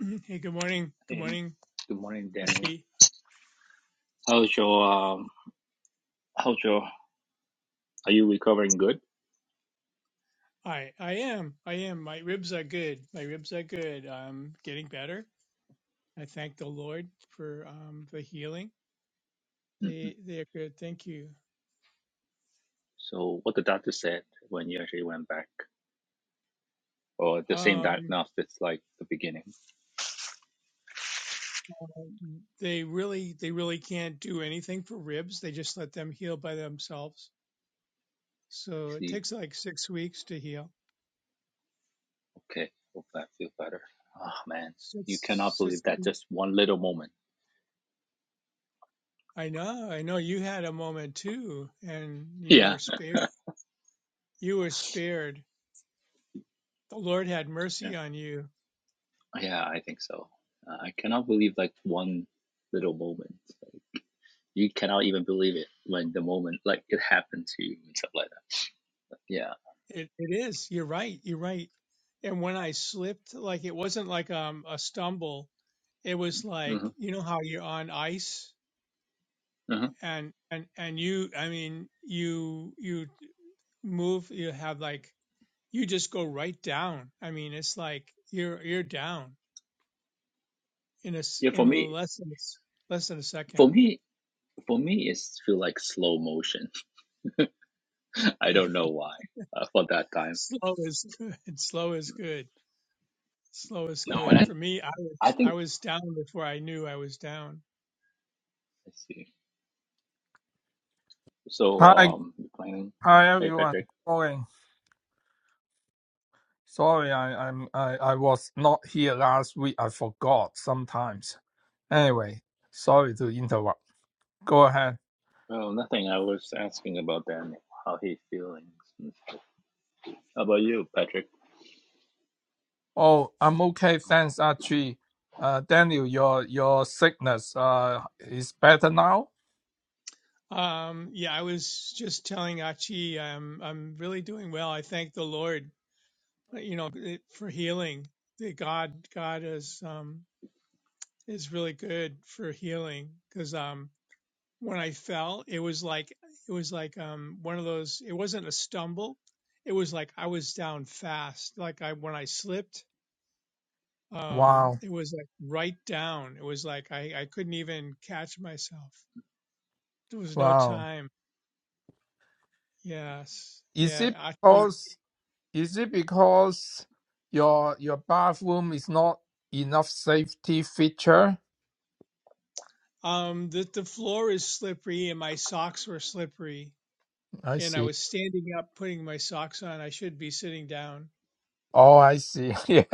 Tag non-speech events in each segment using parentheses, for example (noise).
(clears throat) Hey, good morning. Good Hey, morning, good morning, Daniel. Ati. How's your um? How's your? Are you recovering good? I I am. I am. My ribs are good. My ribs are good. I'm getting better. I thank the Lord for um the healing. hmm They they're good. Thank you. So, what the doctor said when you actually went back, or the same Um diagnostics like the beginning? I they really they really can't do anything for ribs. They just let them heal by themselves. So it see. takes like 6 weeks to heal. Okay. Hope I feel better. Oh man, you cannot Six, believe six that just one little moment. I know. I know you had a moment too and (laughs) you Yeah. were spared you were spared. The Lord had Yeah. mercy on you. Yeah. I think so. Uh, I cannot believe like one little moment. You cannot even believe it when the moment like it happened to you and stuff like that. Yeah. It it is. You're right. You're right. And when I slipped, like it wasn't like um a stumble. It was like hmm you know how you're on ice hmm and and and you I mean you you move you have like you just go right down. I mean it's like you're you're down in a s- Yeah. For in a me, less than a s- less than a for second. me. For me, it's feel like slow motion. (laughs) I Yeah. don't know why uh, for that (laughs) time. Slow is good. Slow is good. Slow is No, and good. Okay. For me, I I, I was I think was down before I knew I was down. let's see. So Hi, um, you planning. hi Hey everyone. Patrick. Sorry, sorry, I, I'm I, I was not here last week. I forgot sometimes. Anyway, sorry to interrupt. Go ahead. Oh, nothing. I was asking about Daniel, how he feeling. How about you, Patrick? Oh, I'm okay. Thanks, Archie. Uh, Daniel, your your sickness uh is better now. Um, yeah, I was just telling Achi, I'm I'm really doing well. I thank the Lord, uh, you know, it- for healing. That God God is um is really good for healing because um when I fell, it was like it was like um one of those. It wasn't a stumble. It was like I was down fast. Like I when I slipped, um, Wow, it was like right down. It was like I I couldn't even catch myself. There was no wow. time. Yes. Is Yeah. it Achi. because is it because your your bathroom is not enough safety feature? Um, the the floor is slippery and my socks were slippery, I and I see. was standing up putting my socks on. I should be sitting down Oh, I see. (laughs) Yeah.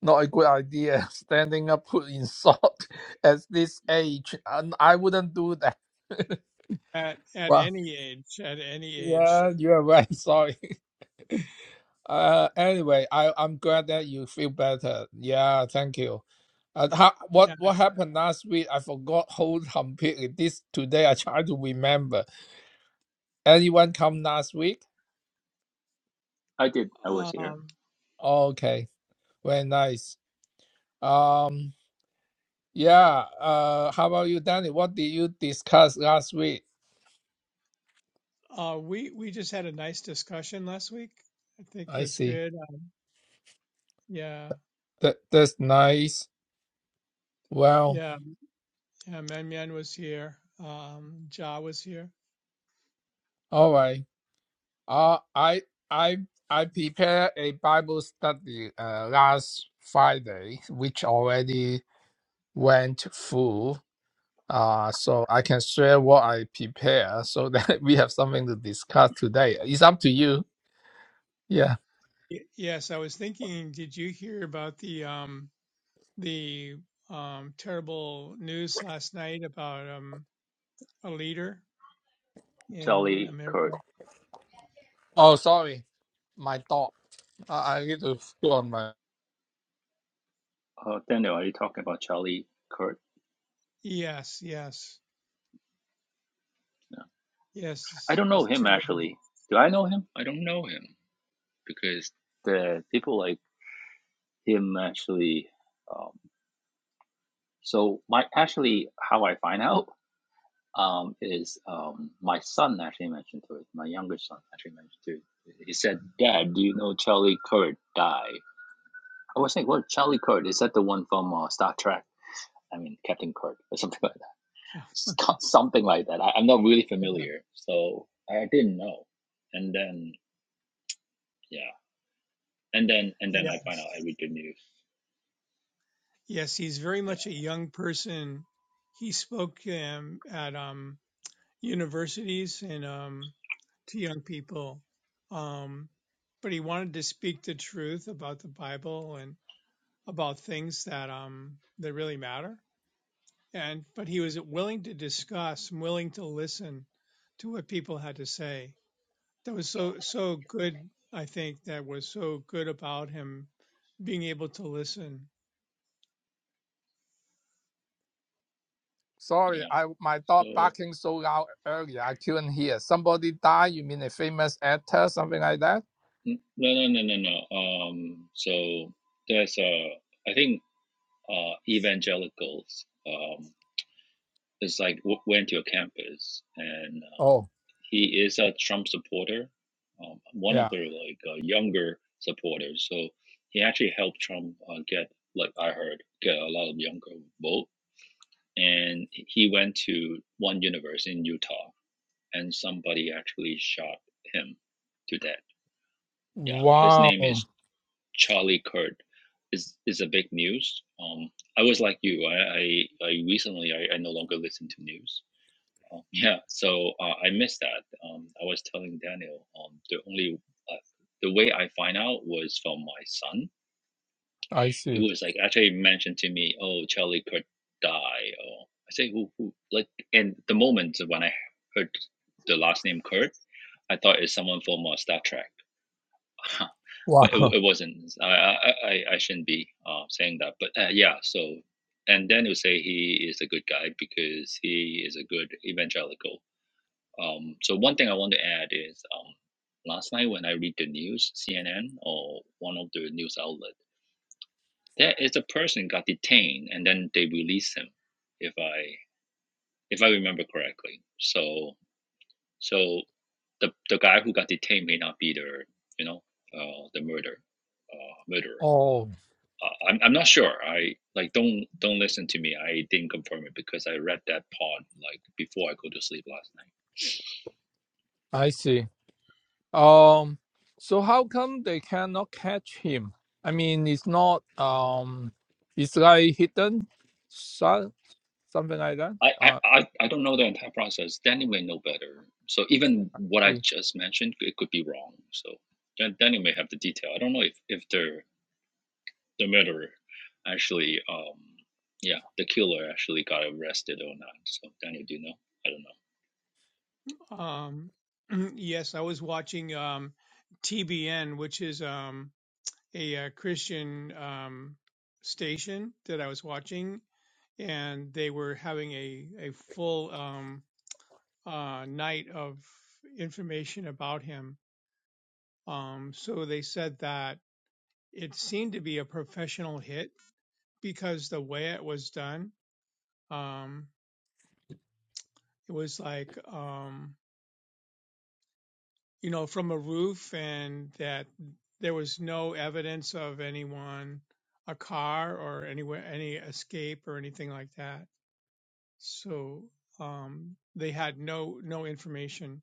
Not a good idea. (laughs) Standing up put in salt (laughs) at this age, and I wouldn't do that. (laughs) at at Well, any age. At any age, yeah, you are right. (laughs) Sorry. Uh, anyway, I I'm glad that you feel better. Yeah, thank you. Uh, how, yeah. what what happened last week? I forgot (laughs) whole completely. This today I try to remember. Anyone come last week? I did. I was here. Um, Okay, very nice. Um, yeah. Uh, how about you, Danny? What did you discuss last week? uh, we we just had a nice discussion last week. I think I was see. good. Uh, yeah, That that's nice. Well, yeah, yeah. Man Man was here. Um, Ja was here. all right. Uh, I I I prepared a Bible study uh, last Friday, which already went through. Uh, so I can share what I prepare so that (laughs) we have something to discuss today. It's up to you. Yeah. Y- yes, I was thinking. Did you hear about the um the um terrible news last night about um a leader? in Charlie America. Kurt. Oh, sorry, my dog. I, I need to go on my. Uh, Daniel, are you talking about Charlie Kurt? Yes, yes, No. yes. I It's don't know it's him terrible. actually. Do I know him? I don't know him because the people like him actually. Um, so my actually how I find (laughs) out um, is um, my son actually mentioned to it. My younger son actually mentioned to it. He said, "Dad, do you know Charlie Kirk died?" I was thinking, "What? Charlie Kirk is that the one from uh, Star Trek? I mean, Captain Kirk or something like that. (laughs) (laughs) Something like that. I, I'm not really Yeah, familiar, so I didn't know. And then, yeah, and then and then I find out I Yes, read the news. yes. He's very Yeah, much a young person. He spoke um, at um, universities and um, to young people, um, but he wanted to speak the truth about the Bible and about things that um, that really matter. And but he was willing to discuss, willing to listen to what people had to say. that was so so good i think that was so good about him being able to listen Sorry, yeah. I my dog So barking so loud earlier. I couldn't hear. Somebody died. You mean a famous actor, something like that? no, no, no, no, no. Um, so there's a. Uh, I think uh, evangelicals. Um, it's like w- went to a campus, and uh, Oh. he is a Trump supporter, um, one yeah. of the like uh, younger supporters. So he actually helped Trump uh, get, like I heard, get a lot of younger vote. And he went to one university in Utah, and somebody actually shot him to death. Yeah, his name Wow, is Charlie Kirk is is a big news. Um, I was like you. I I, I recently I, I no longer listen to news. Um, (laughs) yeah, so uh, I missed that. Um, I was telling Daniel um, the only uh, the way I find out was from my son. I He see. was like actually mentioned to me, "Oh, Charlie Kirk died." Or I say, "Who? Who?" Like, and the moment when I heard the last name Kurt, I thought it's someone from uh, Star Trek. (laughs) but it, Wow. it (laughs) wasn't. I, I I shouldn't be uh, saying that, but uh, yeah. So, and then you say he is a good guy because he is a good evangelical. Um, so one thing I want to add is um, last night when I read the news, CNN or one of the news outlet, there is a person got detained and then they released him, if I if I remember correctly. So so the the guy who got detained may not be the you know uh, the murder uh, murderer Oh, Uh, I'm I'm not sure. I like don't don't listen to me. I didn't confirm it because I read that part like before I go to sleep last night. I see. Um, so how come they cannot catch him? I mean, it's not um, it's like hidden, so, something like that. I, Uh, I, I I don't know the entire process. Danny may know better. So even what I see. just mentioned, it could be wrong. So Dan- Danny may have the detail. I don't know if, if the the murderer actually, um, yeah, the killer actually got arrested or not. So Danny, do you know? I don't know. um (clears throat) yes i was watching um tbn which is um a, uh christian um station that i was watching and they were having a a full um uh night of information about him um so they said that it seemed to be a professional hit because the way it was done Um, It was like, um, you know, from a roof, and that there was no evidence of anyone, a car, or anywhere, any escape or anything like that. So um, they had no no information.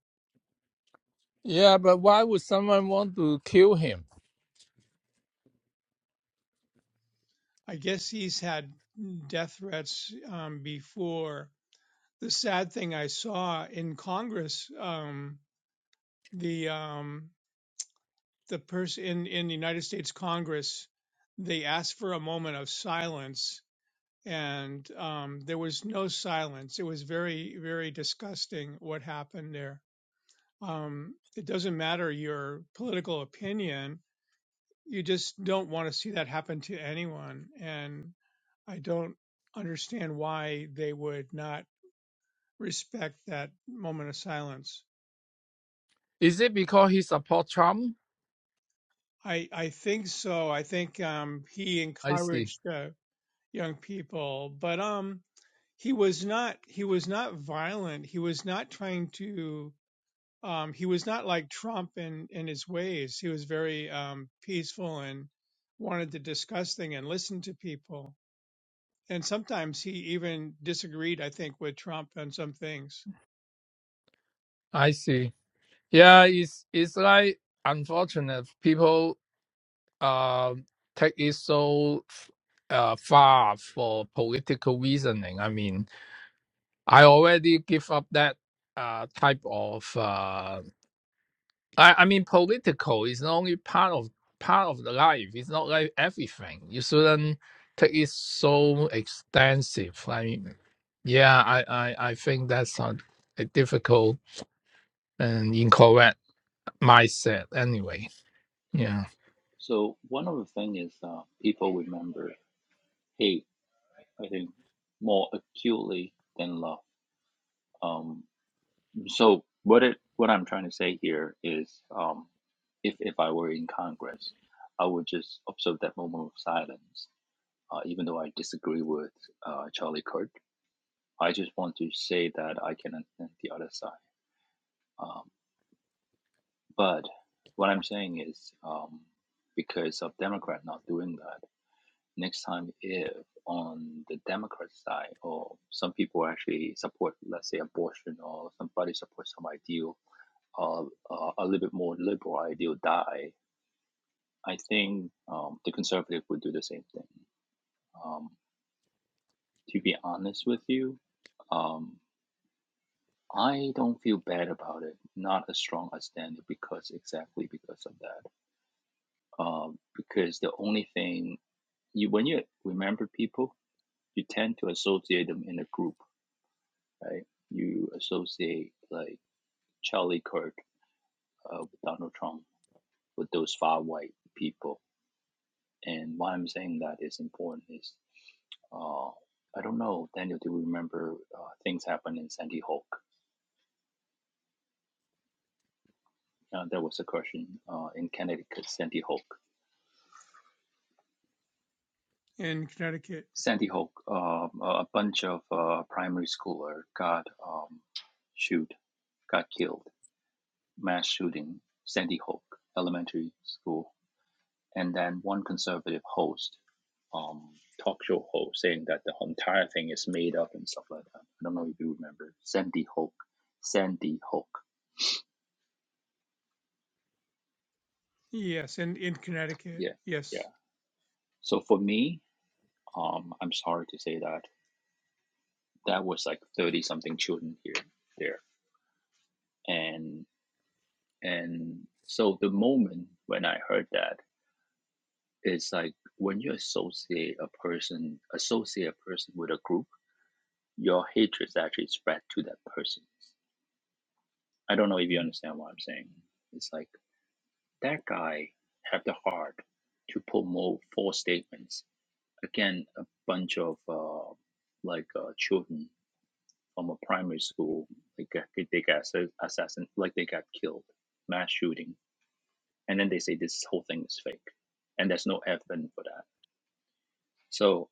Yeah, but why would someone want to kill him? I guess he's had death threats um, before. The sad thing I saw in Congress, um, the um, the person in in the United States Congress, they asked for a moment of silence and um, there was no silence. It was very, very disgusting what happened there. Um, it doesn't matter your political opinion, you just don't want to see that happen to anyone. And I don't understand why they would not respect that moment of silence. Is it because he support Trump? I, I think so. I think um, he I see. encouraged uh, young people, but um, he was not he was not violent. He was not trying to um, he was not like Trump in in his ways. He was very um, peaceful and wanted to discuss things and listen to people. And sometimes he even disagreed, I think, with Trump on some things I see. Yeah, it's it's like unfortunate people um take it so uh, far for political reasoning. I mean, I already give up that uh, type of. Uh, I, I mean, political is only part of part of the life. It's not like everything. You shouldn't take it so extensive. I mean, yeah, I I, I think that's a, a difficult and incorrect mindset. Anyway, yeah. So one of the thing is uh, people remember, hey, I think more acutely than love. Um, so what it what I'm trying to say here is, um, if if I were in Congress, I would just observe that moment of silence. Uh, even though I disagree with uh, Charlie Kirk, I just want to say that I can understand the other side. Um, but what I'm saying is, um, because of Democrat not doing that. next time if on the Democrat side or some people actually support, let's say, abortion or somebody supports some ideal, uh, uh, a little bit more liberal ideal die, I think um, the conservative would do the same thing. Um, to be honest with you, um, I don't feel bad about it, not as strong as Danny because exactly because of that. Um, because the only thing you when you remember people, you tend to associate them in a group right? You associate like Charlie Kirk uh, with Donald Trump with those far white people. And why I'm saying that is important is uh, I don't know, Daniel, do you remember uh, things happened in Sandy Hook? Uh, there was a question uh, in Connecticut, Sandy Hook. in Connecticut. Sandy Hook, uh, a bunch of uh, primary schooler got um, shoot, got killed, mass shooting, Sandy Hook elementary school and then one conservative host, um, talk show host, saying that the entire thing is made up and stuff like that. I don't know if you remember Sandy Hook. Sandy Hook. Yes, in in Connecticut. Yeah, Yes. yeah. So for me, um, I'm sorry to say that that was like thirty something children here, there, and and so the moment when I heard that, it's like when you associate a person, associate a person with a group, your hatred is actually spread to that person. I don't know if you Mm. understand what I'm saying. It's like that guy had the heart to put more four statements again a bunch of uh, like uh, children from a primary school like uh, they got they got assa- assassin like they got killed mass shooting and then they say this whole thing is fake and there's no evidence for that so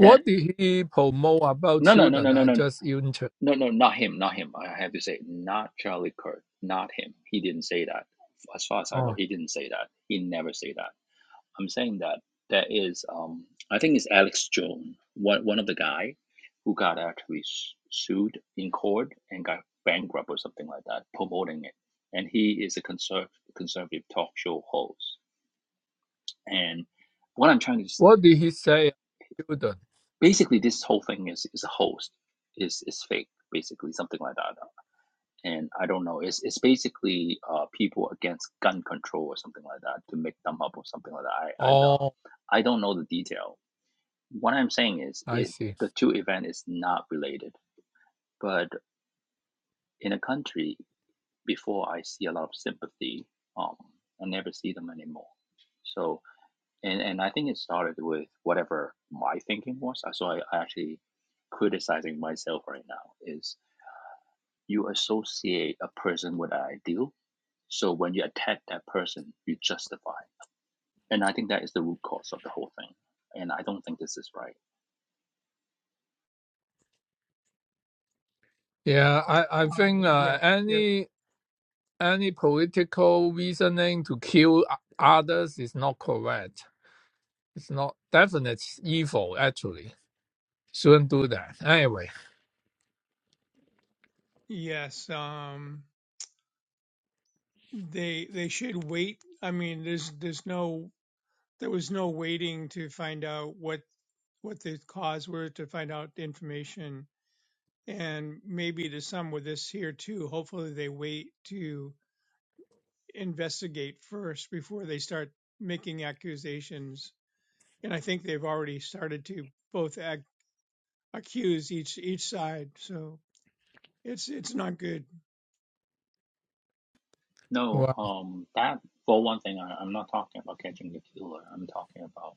then did he promote about no no no children? no no I no no just interested. no no not him not him I have to say not Charlie Kirk not him he didn't say that as far as I know Oh, he didn't say that he never say that I'm saying that there is um I think it's Alex Jones, one one of the guy who got actually s- sued in court and got bankrupt or something like that, promoting it. And he is a conserv- conservative talk show host. And what I'm trying to s- what did he say? Children. basically this whole thing is is a host is is fake basically something like that. And I don't know. It's it's basically uh people against gun control or something like that to make them up or something like that. I I Oh, uh, I don't know the detail what I'm saying is I is see. the two event is not related. But in a country, before I see a lot of sympathy, um, I never see them anymore. So and and I think it started with whatever my thinking was. So I, I actually criticizing myself right now is you associate a person with an ideal. So when you attack that person, you justify. And I think that is the root cause of the whole thing. And I don't think this is right. Yeah, I, Uh, I think yes. uh, Yes. any any political reasoning to kill o- others is not correct. It's not definite evil actually. Shouldn't do that. Anyway, Yes. Um, they they should wait. I mean, there's there's no there was no waiting to find out what what the cause were to find out the information and maybe to some with this here too. Hopefully, they wait to investigate first before they start making accusations. And I think they've already started to both ac- accuse each each side. So it's it's not good. No, well, um, that for one thing, I, I'm not talking about catching the killer. I'm talking about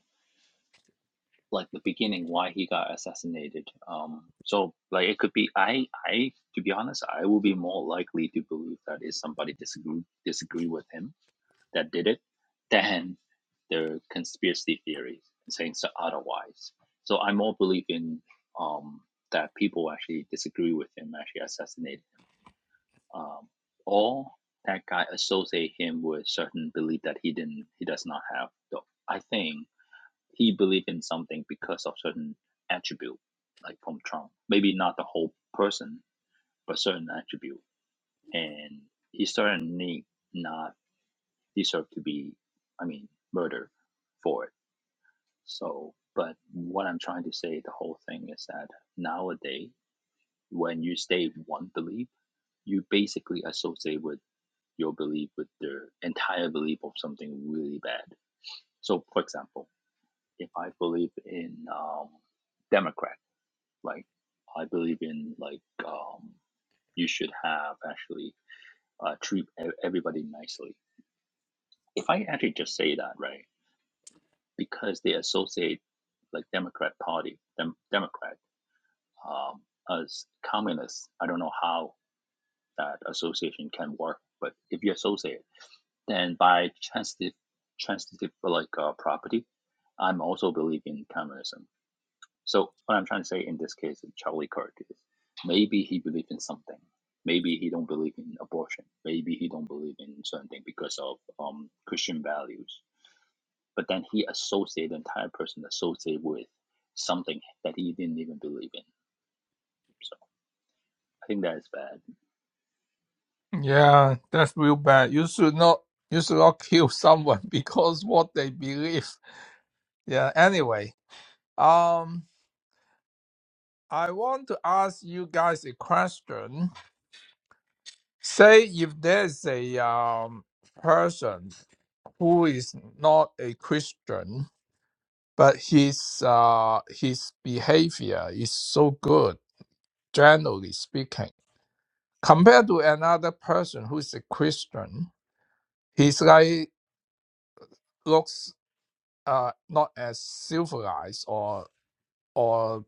like the beginning, why he got assassinated. Um, so like it could be, I, I, to be honest, I will be more likely to believe that is somebody disagree disagree with him that did it than the conspiracy theories saying so otherwise. So I more believe in um that people actually disagree with him actually assassinated um, or that guy associate him with certain belief that he didn't he does not have though i think he believed in something because of certain attribute like from trump maybe not the whole person but certain attribute and he certainly not deserve to be i mean murdered for it so but what i'm trying to say the whole thing is that nowadays when you stay with one belief you basically associate with your belief with their entire belief of something really bad. So, for example, if I believe in um, Democrat, like I believe in like um, you should have actually uh, treat e- everybody nicely. If I actually just say that, right, because they associate like Democrat Party, dem- Democrat, um, as communists, I don't know how that association can work, but if you associate and by transitive transitive like uh, property, I'm also believe in communism. So what I'm trying to say in this case of Charlie Kirk is maybe he believe in something. Maybe he don't believe in abortion. Maybe he don't believe in certain thing because of um, Christian values. But then he associate the entire person associate with something that he didn't even believe in. So I think that is bad. yeah, that's real bad. You should not you should not kill someone (laughs) because what they believe. Yeah. Anyway, um, I want to ask you guys a question. Say if there's a um, person who is not a Christian, but his uh, his behavior is so good, generally speaking, compared to another person who is a Christian, he's like looks uh, not as civilized or or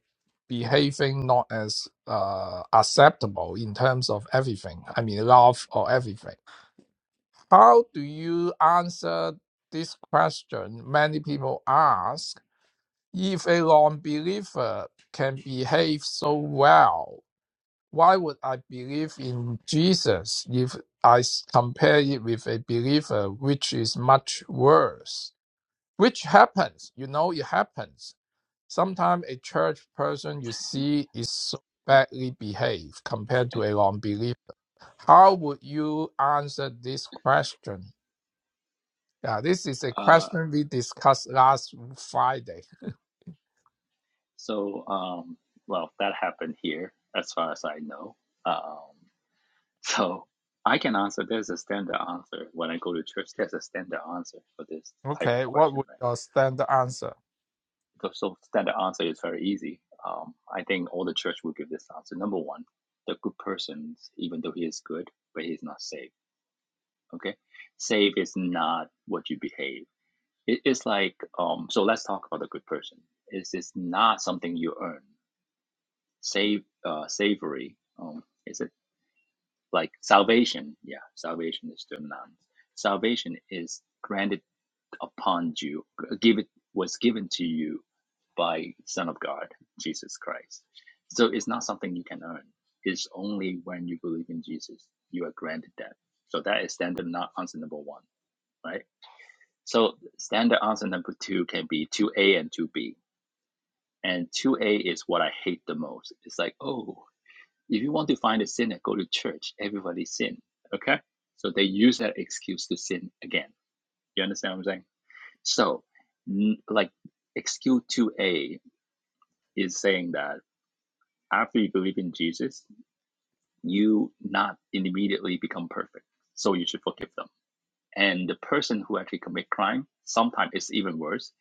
behaving not as uh, acceptable in terms of everything. I mean, love or everything How do you answer this question many people ask? If a non believer can behave so well, why would I believe in Jesus if I s- compare it with a believer, which is much worse? Which happens, you know, it happens. Sometimes a church person you see is so badly behaved compared to a non believer. How would you answer this question? Yeah, this is a Uh, question we discussed last Friday. (laughs) so um, well, that happened here as far as I know. Um, So I can answer. There's a standard answer when I go to church. There's a standard answer for this type Okay, of what question, would right? your standard answer? The so standard answer is very easy. Um, I think all the church will give this answer. Number one, the good person, even though he is good, but he's not saved. Okay, saved is not what you behave. It is like um. So let's talk about the good person. It is not something you earn. Save uh, savory. Um, is it? like salvation. Yeah, salvation is termed nouns. Salvation is granted upon you, give it was given to you by Son of God, Jesus Christ. So it's not something you can earn. It's only when you believe in Jesus you are granted that. So that is standard not answer number one, right? So standard answer number two can be two A and two B. And two A is what I hate the most. It's like, oh, if you want to find a sinner, go to church. Everybody sin. Okay? So they use that excuse to sin again. You understand what I'm saying? So, n- like, excuse 2a is saying that after you believe in Jesus, you not immediately become perfect. So you should forgive them. And the person who actually commit crime, sometimes it's even worse.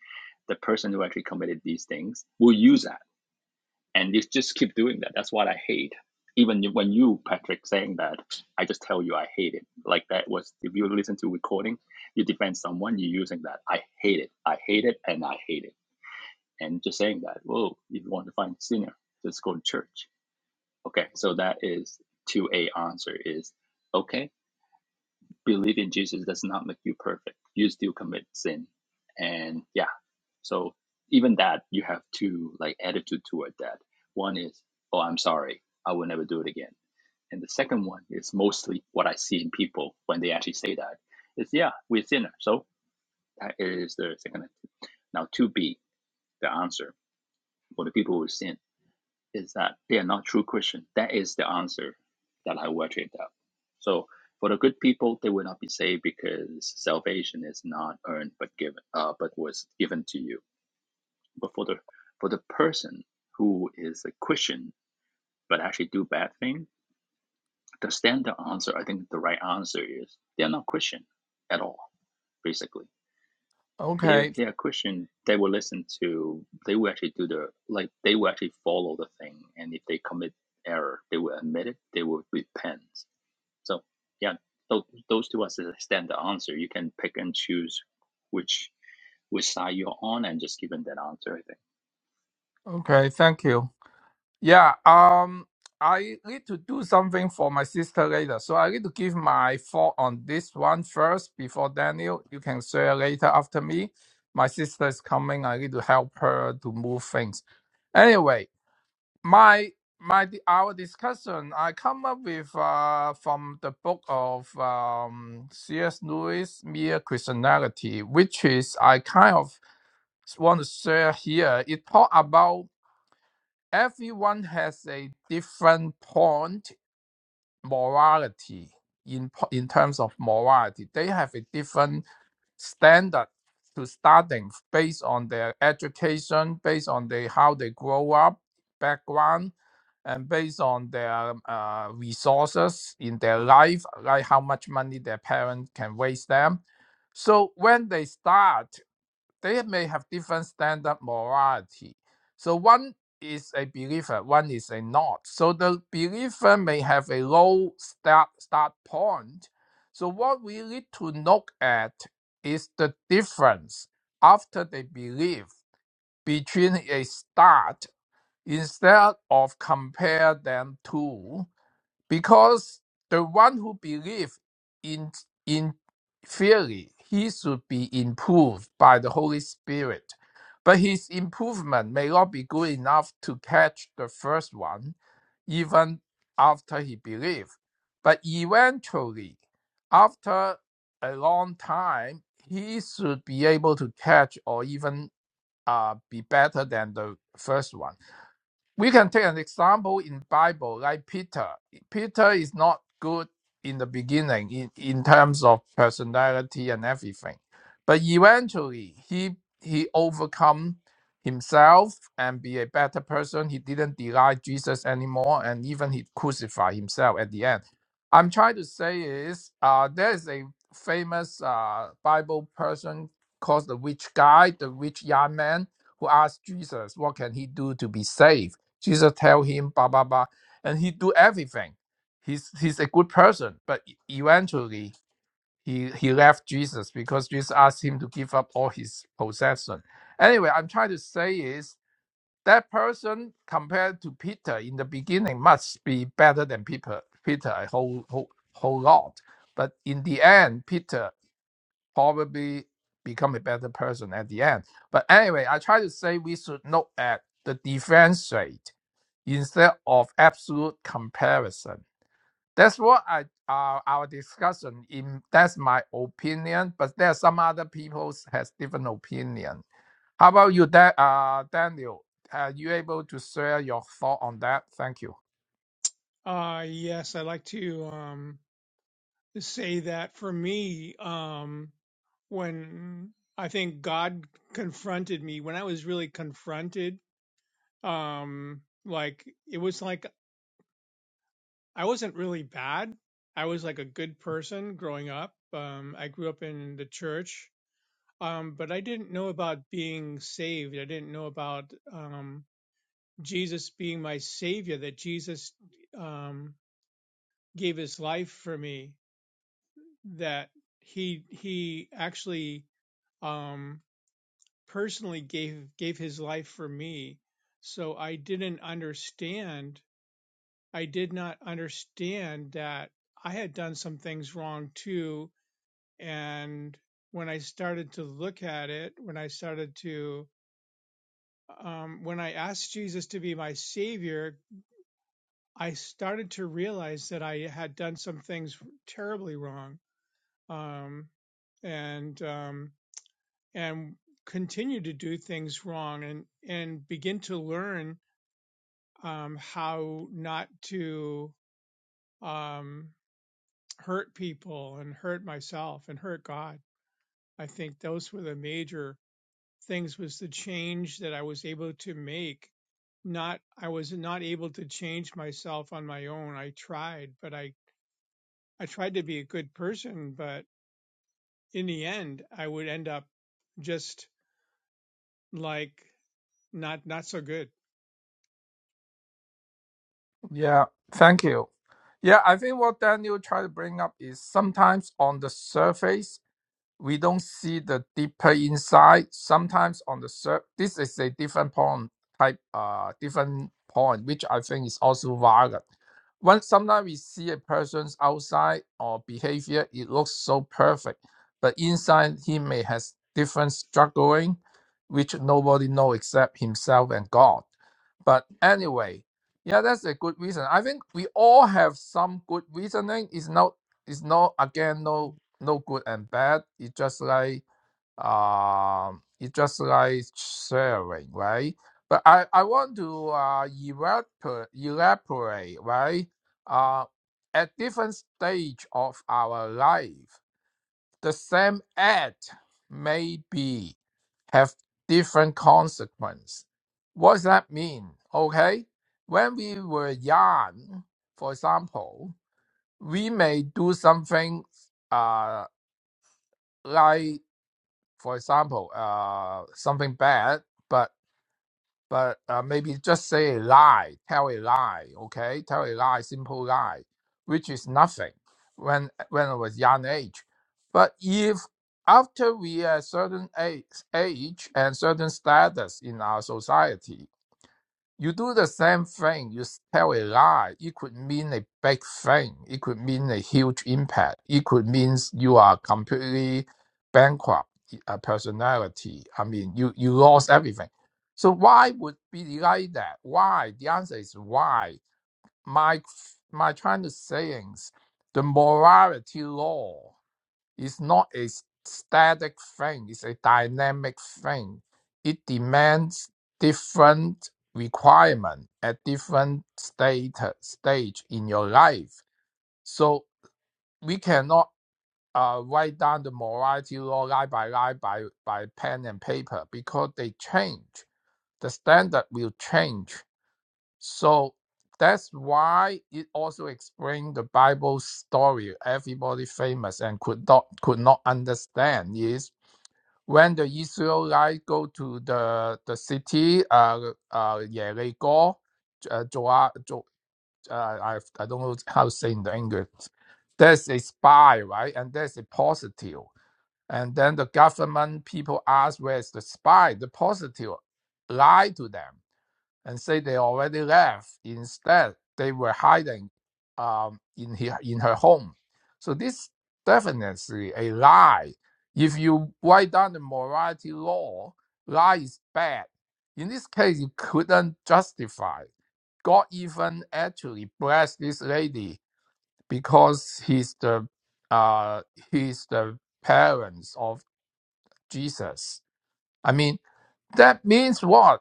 The person who actually committed these things will use that. and you just keep doing that. That's what I hate. Even when you, Patrick, saying that, I just tell you I hate it. Like that was if you listen to recording, you defend someone, you're using that. I hate it. I hate it, and I hate it. And just saying that. Whoa, if you want to find a sinner, just go to church. Okay, so that is two A answer is okay. Believe in Jesus does not make you perfect. You still commit sin, and yeah so even that, you have two like attitude toward that. One is, oh, I'm sorry, I will never do it again. And the second one is mostly what I see in people when they actually say that. It's yeah, we're sinner. So that is the second attitude. Now to be the answer for the people who sin is that they are not true Christian. That is the answer that I will trade up. So for the good people, they will not be saved because salvation is not earned but given, uh, but was given to you but for the for the person who is a Christian but actually do bad thing, the standard answer, I think the right answer is they're not Christian at all, basically. If Okay, they are Christian, they will listen to they will actually do the like they will actually follow the thing and if they commit error, they will admit it, they will repent. So yeah, those, those two are the standard answer. You can pick and choose which which side you're on and just give them that answer, I think. okay, thank you. Yeah, um, I need to do something for my sister later, so I need to give my thought on this one first before Daniel. You can share later after me. My sister is coming. I need to help her to move things. Anyway, my my our discussion I come up with uh, from the book of um, C.S. Lewis, Mere Christianity, which is I kind of want to share here. It talk about everyone has a different point morality in po- in terms of morality. They have a different standard to starting based on their education, based on they how they grow up, background, and based on their uh, resources in their life, like how much money their parents can raise them. So when they start they may have different standard morality. So one is a believer, one is a not. So the believer may have a low start start point. So what we need to look at is the difference after they believe between a start instead of compare them to. Because the one who believes in in theory, he should be improved by the Holy Spirit. But his improvement may not be good enough to catch the first one, even after he believes. But eventually, after a long time, he should be able to catch or even uh, be better than the first one we can take an example in bible like peter peter is not good in the beginning in, in terms of personality and everything but eventually he he overcome himself and be a better person he didn't deny jesus anymore and even he crucified himself at the end i'm trying to say is uh, there is a famous uh, bible person called the rich guy the rich young man who asked jesus what can he do to be saved Jesus tell him blah blah blah, and he do everything. He's he's a good person, but e- eventually he he left Jesus because Jesus asked him to give up all his possession. Anyway, I'm trying to say is that person compared to Peter in the beginning must be better than Peter Peter a whole whole whole lot. But in the end, Peter probably become a better person at the end. But anyway, I try to say we should look at the defense rate instead of absolute comparison. That's what I uh, our discussion in that's my opinion, but there are some other people has different opinion. How about you, da- uh, Daniel? Are you able to share your thought on that? Thank you. Uh yes, I like to um say that for me, um, when I think God confronted me when I was really confronted. Um, like it was like I wasn't really bad. I was like a good person growing up. Um, I grew up in the church, um, but I didn't know about being saved. I didn't know about um, Jesus being my savior, that Jesus um, gave his life for me, that he he actually um, personally gave gave his life for me. So I didn't understand. I did not understand that I had done some things wrong too And when I started to look at it, when I started to, um, when I asked Jesus to be my savior, I started to realize that I had done some things terribly wrong, um, and um, and continue to do things wrong, and and begin to learn um, how not to um, hurt people and hurt myself and hurt God. I think those were the major things was the change that I was able to make. Not, I was not able to change myself on my own. I tried, but I, I tried to be a good person, but in the end, I would end up just like not, not so good. Yeah, thank you. Yeah, I think what Daniel tried to bring up is sometimes on the surface we don't see the deeper inside. Sometimes on the sur- this is a different point type, uh, different point, which I think is also valid. When sometimes we see a person's outside or behavior, it looks so perfect, but inside he may has different struggling, which nobody know except himself and God. But anyway, yeah, that's a good reason. I think we all have some good reasoning. It's not. It's not again no no good and bad. It's just like um, it's just like sharing, right? But I, I want to uh, elaborate, elaborate, right? Uh, at different stage of our life, the same act may be have different consequence. What does that mean? Okay, when we were young, for example, we may do something uh, like for example, uh, something bad, but but uh, maybe just say a lie, tell a lie, okay, tell a lie, simple lie, which is nothing when when I was young age. But if after we are certain age, age and certain status in our society, you do the same thing, you tell a lie. It could mean a big thing. It could mean a huge impact. It could mean you are completely bankrupt a personality. I mean, you, you lost everything. So why would be like that? Why? The answer is why. My my Chinese sayings, the morality law. It's not a static thing, it's a dynamic thing. It demands different requirement at different status stage in your life. So we cannot uh, write down the morality law line by line by, by pen and paper because they change. The standard will change. So that's why it also explained the Bible story everybody famous and could not could not understand is when the Israelite go to the the city, uh, uh, Jericho, uh, Joa, Jo, uh, I I don't know how to say in the English. There's a spy, right? And there's a positive. And then the government people ask, where's the spy? The positive lie to them and say they already left. Instead, they were hiding um, in, her, in her home. So this definitely a lie. If you write down the morality law, lie is bad. In this case, you couldn't justify. God even actually blessed this lady because he's the uh, he's the parents of Jesus. I mean, that means what?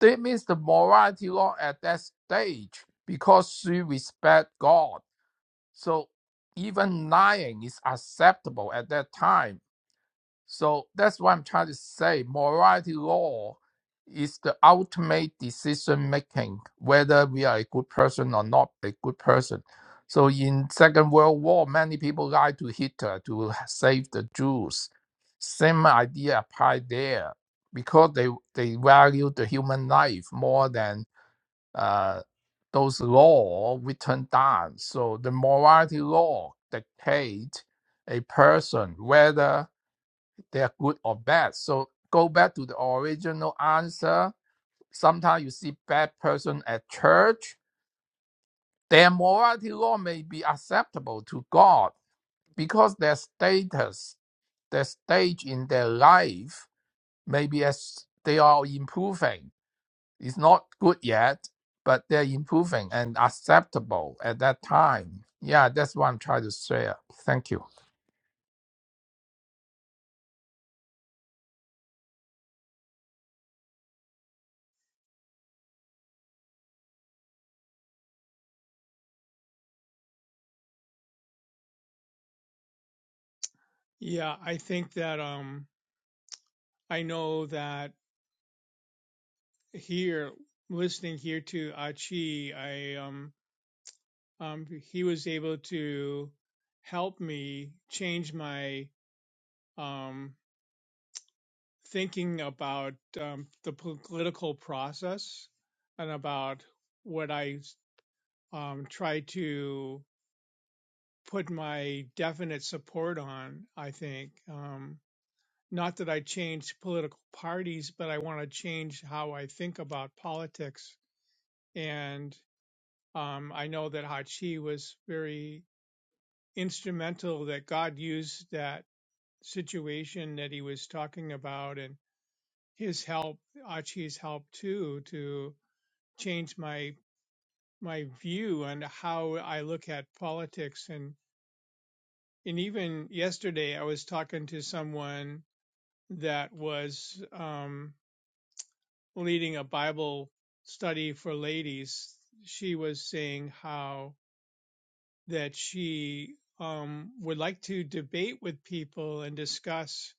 That means the morality law at that stage, because she respect God. So even lying is acceptable at that time. So that's what I'm trying to say. Morality law is the ultimate decision making, whether we are a good person or not a good person. So in Second World War, many people lied to Hitler to save the Jews. Same idea applied there because they they value the human life more than uh, those law written down. So the morality law dictates a person whether they are good or bad. So go back to the original answer. Sometimes you see bad person at church. Their morality law may be acceptable to God because their status, their stage in their life, maybe as they are improving. It's not good yet, but they're improving and acceptable at that time. Yeah, that's what I'm trying to share. Thank you. Yeah. I think that, um, I know that here, listening here to Achi, I, um, um, he was able to help me change my, um, thinking about um, the political process and about what I um, try to put my definite support on, I think. Um, not that I change political parties, but I want to change how I think about politics. And um, I know that Hachi was very instrumental that God used that situation that he was talking about and his help, Achi's help too, changed my my view on how I look at politics and and even yesterday I was talking to someone that was um, leading a Bible study for ladies. She was saying how that she um, would like to debate with people and discuss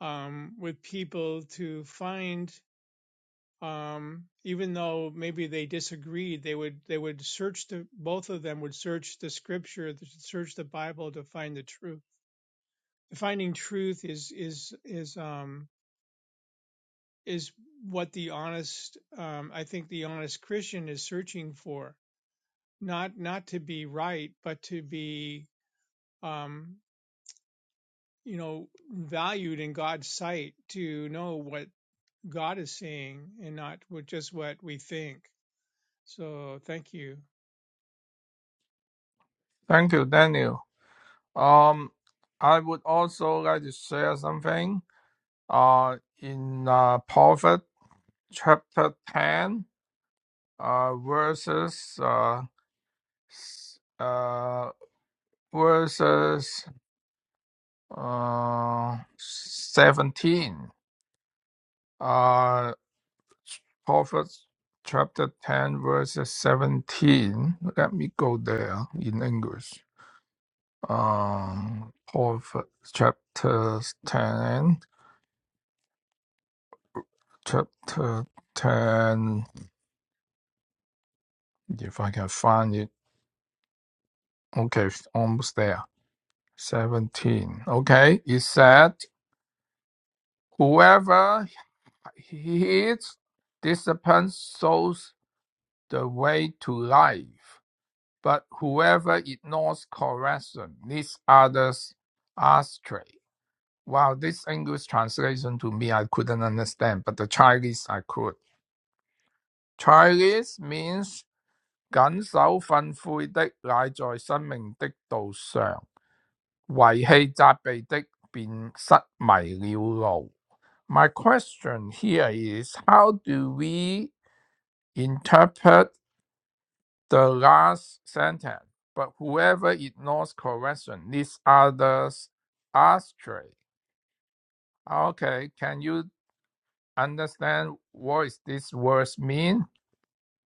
um, with people to find um, even though maybe they disagreed, they would they would search the both of them would search the scripture, search the Bible to find the truth. Finding truth is is is um is what the honest um, I think the honest Christian is searching for. Not not to be right, but to be um, you know valued in God's sight. To know what God is saying and not what, just what we think. So thank you. Thank you, Daniel. Um, I would also like to share something. uh, in uh, Prophet chapter 10, uh, verses, uh, s- uh, verses uh, 17. Uh, Prophet chapter 10, verses 17. Let me go there in English. Um, Prophet chapter 10, chapter 10, if I can find it. Okay, almost there 17. Okay, it said, Whoever heeds discipline shows the way to life, but whoever ignores correction leads others astray. Wow, this English translation to me I couldn't understand, but the Chinese I could. Chinese means 謹守訓誨的乃在生命的道上，遺棄責備的便失迷了路。My question here is how do we interpret the last sentence? But whoever ignores correction leads others astray. Okay, can you understand what is this words mean?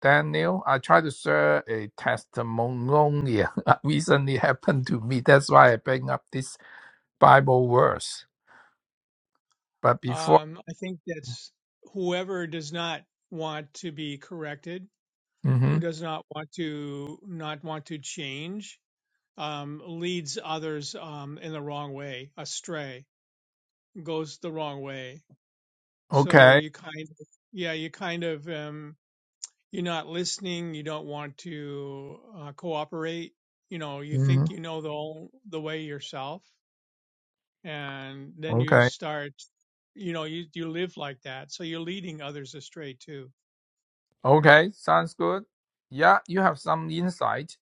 Daniel, I tried to share a testimonial (laughs) that recently happened to me. That's why I bring up this Bible verse. But before, Um, I think that's whoever does not want to be corrected, hmm who does not want to not want to change, um, leads others um, in the wrong way, astray, goes the wrong way. So okay, you kind of, yeah, you kind of, um, you're not listening. You don't want to uh, cooperate. You know, you hmm think you know the whole, the way yourself, and then you okay. start you know you you live like that so you're leading others astray too Okay, sounds good. Yeah, you have some insight.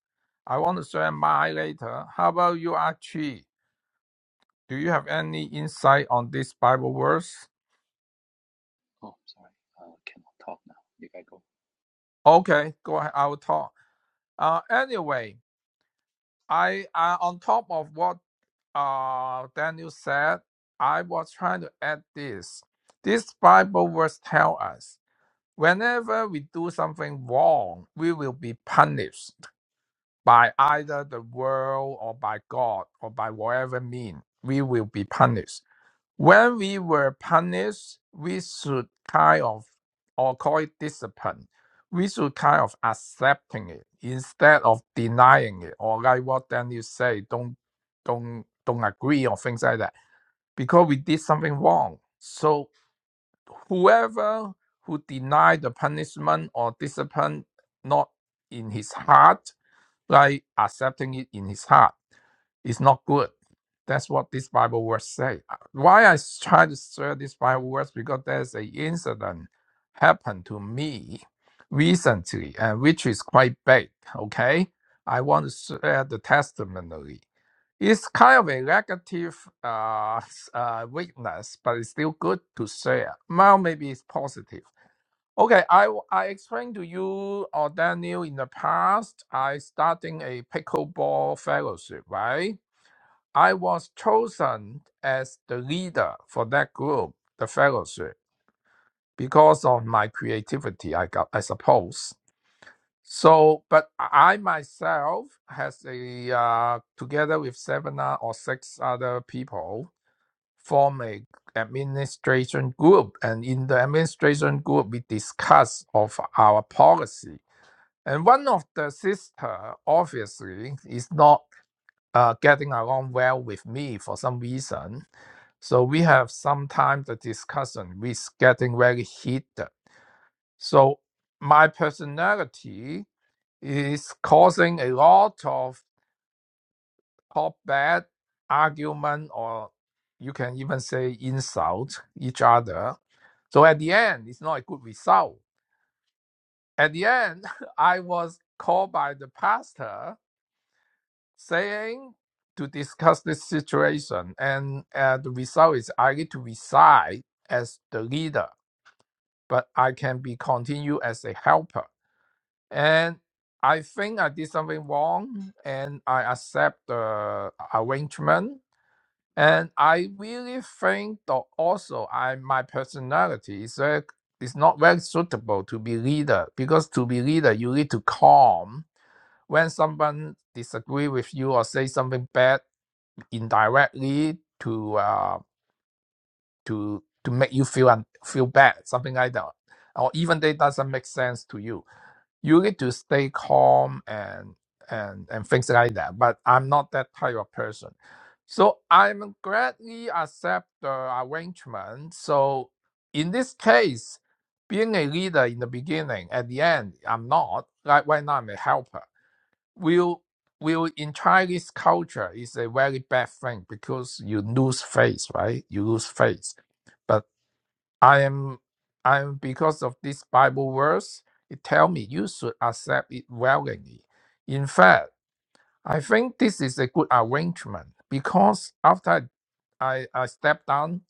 I want to share mine later. How about you, Archie? Do you have any insight on this Bible verse? Oh, sorry. Uh, cannot talk now. You gotta go. Okay, go ahead. I will talk. Uh, anyway, I uh, on top of what uh Daniel said, I was trying to add this. This Bible verse tell us whenever we do something wrong, we will be punished by either the world or by God or by whatever mean, we will be punished. When we were punished, we should kind of, or call it discipline, we should kind of accepting it instead of denying it, or like what Daniel say, don't, don't, don't agree or things like that, because we did something wrong. So whoever who denied the punishment or discipline not in his heart like accepting it in his heart is not good. That's what this Bible verse say. Why I try to share this Bible verse because there's an incident happened to me recently, and which is quite big. Okay, I want to share the testimony. It's kind of a negative uh, s- uh, weakness, but it's still good to share. Well, maybe it's positive. Okay, I w- I explained to you or Daniel in the past. I starting a pickleball fellowship, right? I was chosen as the leader for that group, the fellowship, because of my creativity. I got, I suppose. So, but I myself has a uh, together with seven o- or six other people form a administration group, and in the administration group we discuss of our policy and one of the sister obviously is not uh, getting along well with me for some reason. So we have sometimes the discussion which is getting very heated. So my personality is causing a lot of top bad argument or you can even say insult each other. So at the end, it's not a good result. At the end, (laughs) I was called by the pastor saying to discuss this situation, and uh, the result is I need to resign as the leader, but I can be continued as a helper. And I think I did something wrong, and I accept the arrangement. And I really think that also I my personality is very, is not very suitable to be leader because to be leader you need to calm when someone disagree with you or say something bad indirectly to uh, to to make you feel and feel bad, something like that, or even they doesn't make sense to you. You need to stay calm and and and things like that. But I'm not that type of person, so I'm gladly accept the arrangement. So in this case, being a leader in the beginning, at the end, I'm not. Like right now, I'm a helper will will in Chinese culture is a very bad thing because you lose faith, right? You lose faith. But I am I am because of this Bible verse, it tell me you should accept it willingly. In fact, I think this is a good arrangement because after I, I step down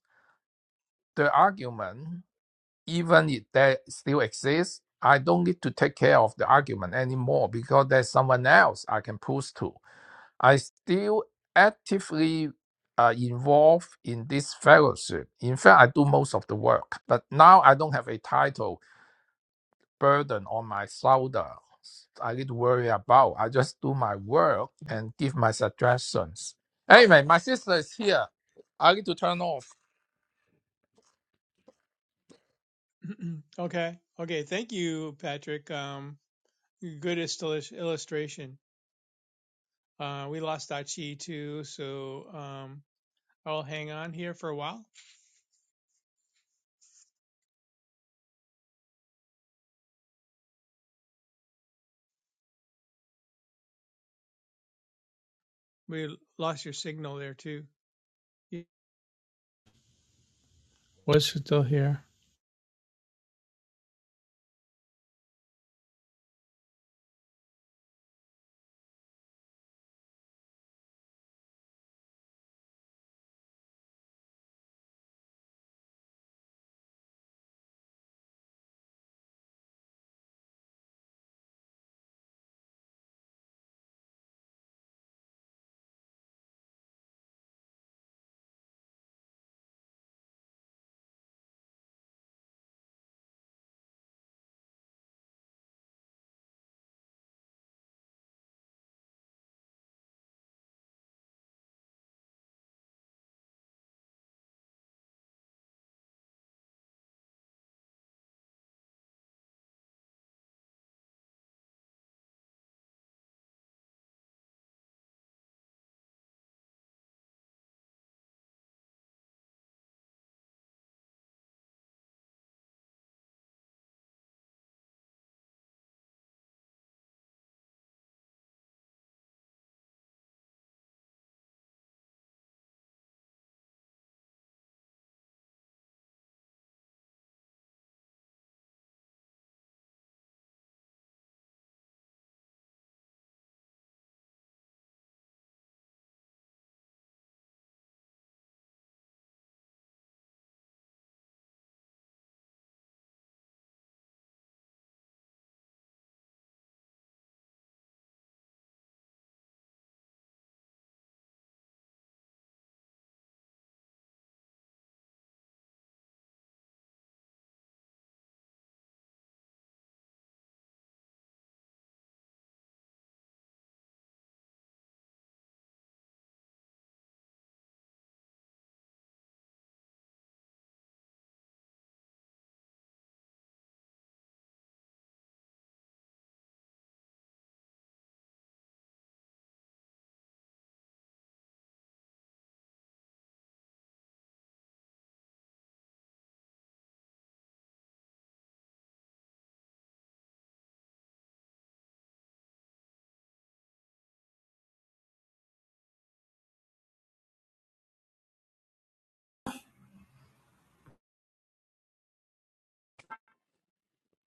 the argument, even if they still exist, I don't need to take care of the argument anymore because there's someone else I can push to I still actively uh, involved in this fellowship. In fact, I do most of the work, but now I don't have a title burden on my shoulder. I need to worry about. I just do my work and give my suggestions. Anyway, my sister is here. I need to turn off. (clears throat) okay okay thank you patrick um good illus- illustration uh we lost Achi too so um i'll hang on here for a while we lost your signal there too You was still here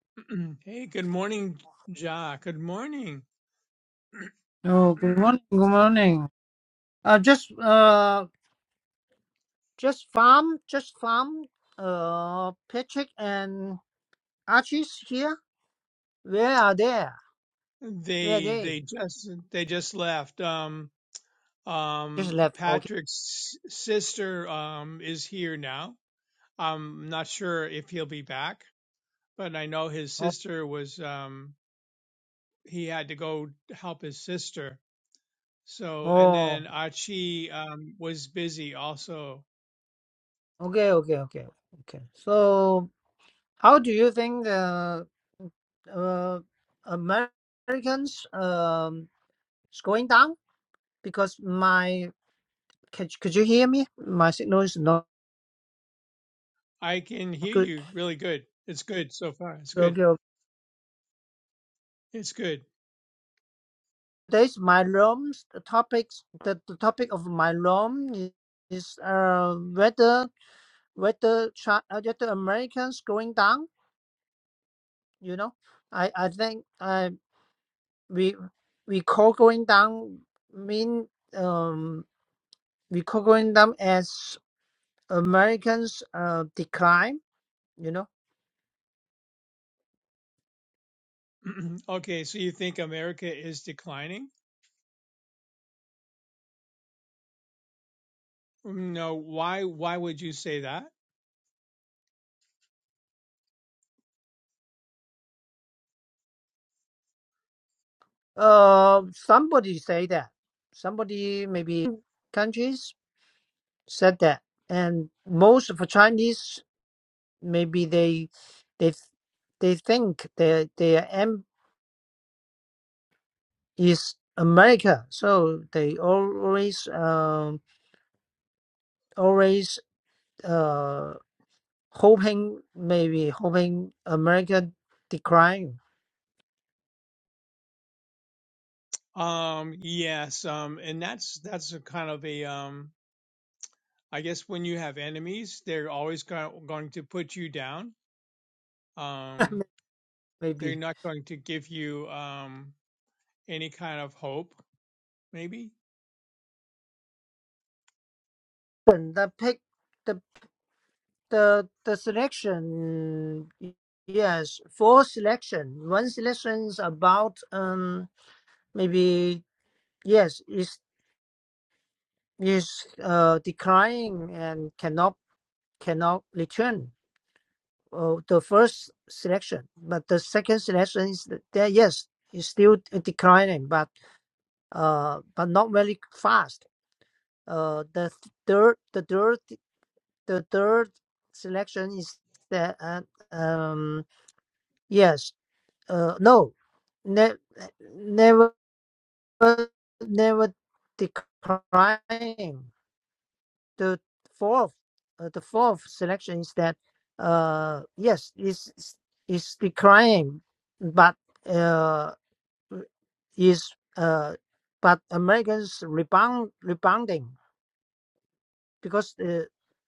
(clears throat) hey good morning ja good morning Oh, good morning. Good morning. Uh, just uh, just farm, just farm. Uh, Patrick and Archie's here. Where are they? (clears throat) Where are they they? they just they just left Um, Just Um, left. Okay. Patrick's sister um, is here now. I'm not sure if he'll be back, but I know his Oh, sister was. Um, he had to go help his sister. So, and oh. then Archie um, was busy also. Okay. Okay. Okay. Okay. So, how do you think uh, uh, Americans um is going down? Because my could could you hear me? My signal is not I can hear good. you really good. It's good so far. It's Okay, good. okay. It's good. Today's my room topics the, the topic of my room is, uh whether whether China, whether Americans going down. You know, I I think I we we call going down mean um we call going down as Americans uh decline. You know, (clears throat) okay, so you think America is declining? No. Why? Why would you say that? uh somebody say that somebody maybe countries said that and most of the Chinese maybe they they they think their their aim is America, so they always um always uh hoping maybe hoping America decline. Um, yes, um, and that's that's a kind of a um I guess when you have enemies, they're always go- going to put you down. (laughs) Um, they're maybe. not going to give you um, any kind of hope, maybe. But the pick the the the selection yes four selection one selection is about um maybe yes is is uh declining and cannot cannot return uh, the first selection but the second selection is th- there yes is still declining but uh but not very fast uh the third the third the third selection is that uh, um yes Uh, no, ne- never, never declining. The fourth, uh, the fourth selection is that, uh, yes, is is declining, but uh, is uh, but Americans rebound rebounding because uh,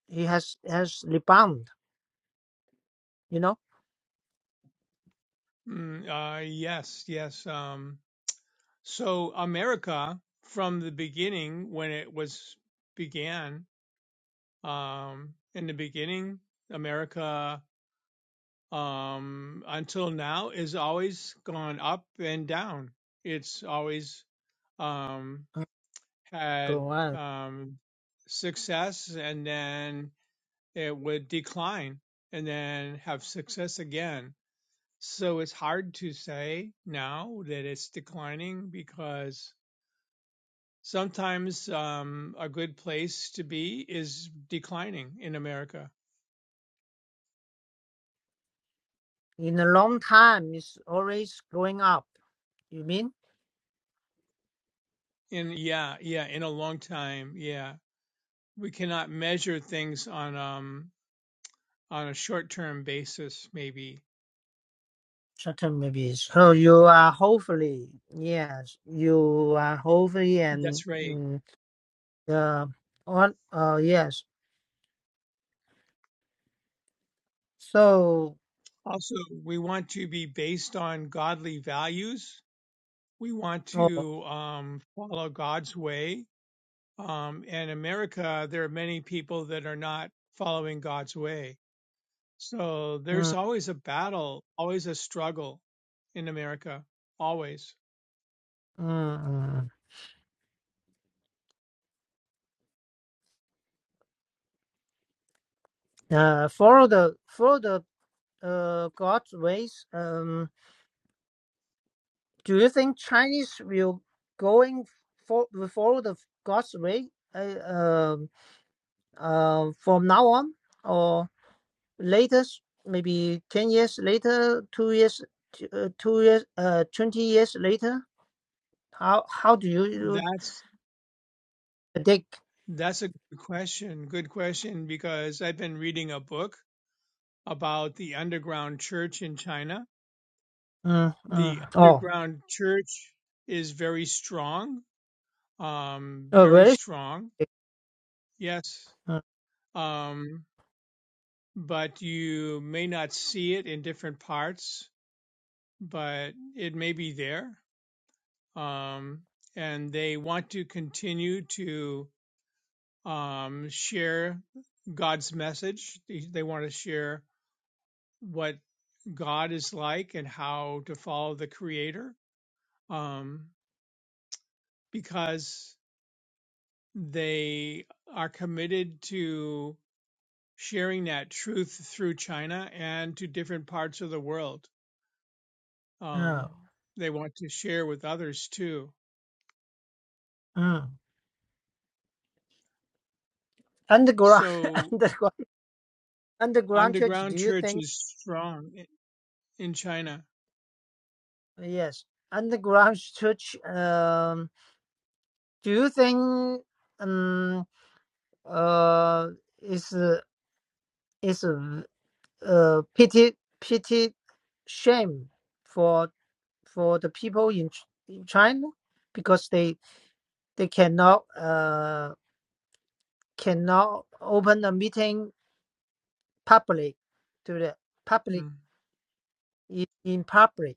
he has has rebound, you know. Mm, uh, yes, yes. Um, so America, from the beginning, when it was began, um, in the beginning, America um, until now is always gone up and down. It's always. Um, had Go on. um, success and then it would decline and then have success again. So it's hard to say now that it's declining because sometimes um, a good place to be is declining in America. In a long time, it's always going up. You mean? In yeah, yeah, in a long time, yeah, we cannot measure things on um on a short term basis. Maybe Certain maybe. So you are hopefully, yes, you are hopefully and that's right. mm, uh, on, uh, yes. So, Also, we want to be based on godly values. We want oh, to um, follow God's way. Um, in America, there are many people that are not following God's way. So there's mm, always a battle, always a struggle in America, always. mm, mm. Uh, follow the follow the uh God's ways. Um, Do you think Chinese will going for will follow the God's way uh, um uh, from now on or later, maybe ten years later, two years, uh, two years, uh, twenty years later? How how do you That's predict? that's a good question. Good question because I've been reading a book about the underground church in China. Mm, mm. The Oh, underground church is very strong um, uh, very very strong, yes, mm, um, but you may not see it in different parts, but it may be there. Um, and they want to continue to um, share God's message. They, they want to share what God is like and how to follow the Creator um, because they are committed to. sharing that truth through China and to different parts of the world. mm, Um, they want to share with others too. mm. underground (laughs) So underground underground church. Do underground you church think is strong i- in China. yes underground church? Um, do you think? Um. uh it's a- it's a uh pity pity shame for for the people in Ch- in China because they they cannot uh cannot open a meeting public to the public Mm. in, in public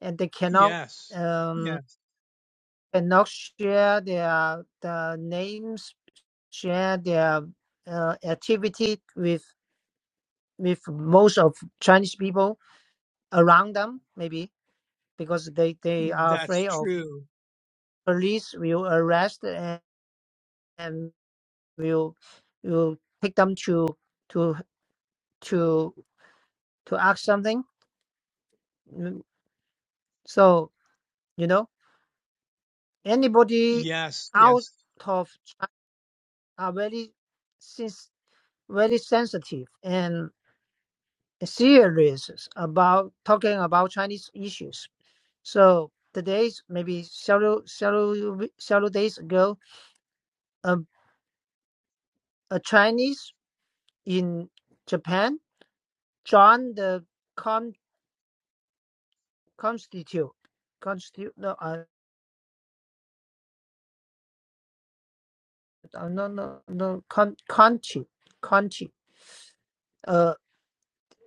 and they cannot Yes, um yes, cannot share their the names share their uh, activity with with most of Chinese people around them maybe because they they are that's afraid of true. police will arrest and, and will will take them to to to to ask something Mm, so you know anybody Yes, out yes, of china are very since very sensitive and serious about talking about chinese issues so the days maybe several several several days ago a, a chinese in Japan, John the con constitute constitute no uh, uh, no no no con conchi conchi uh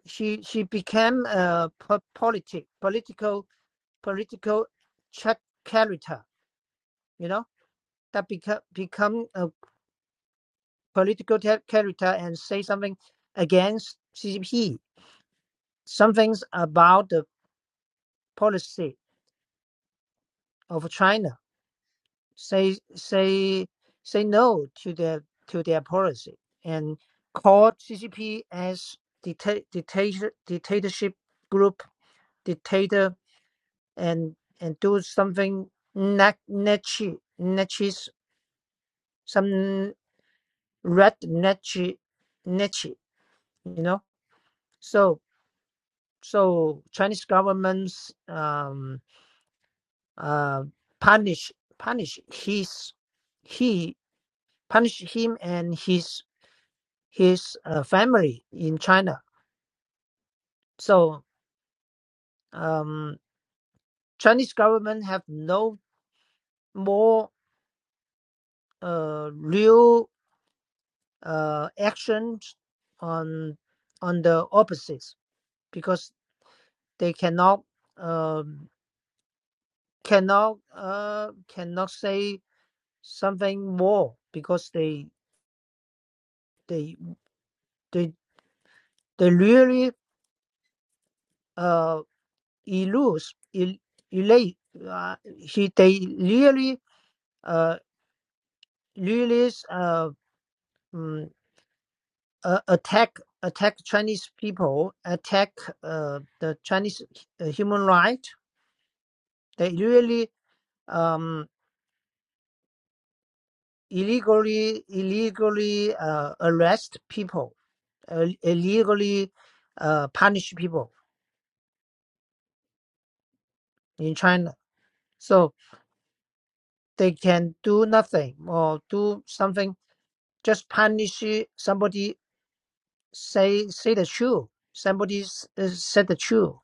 she she became a po- politic political political chat character you know that become become a political character and say something against CCP some things about the policy of China say say say no to their to their policy and call CCP as dicta- dictator dictatorship group dictator and and do something nat- nachi nachis some red nachi nachi you know so so Chinese governments um uh punish punish his he punish him and his his uh, family in China. So um, Chinese government have no more uh, real uh, actions on on the opposites because they cannot um, cannot uh, cannot say something more because they they they they really uh lose elate uh, he they really uh really uh, um, uh, attack attack Chinese people, attack uh, the Chinese uh, human right. They really um, illegally illegally uh, arrest people, uh, illegally uh, punish people in China. So they can do nothing or do something, just punish somebody. Say say the truth. Somebody s- uh, said the truth.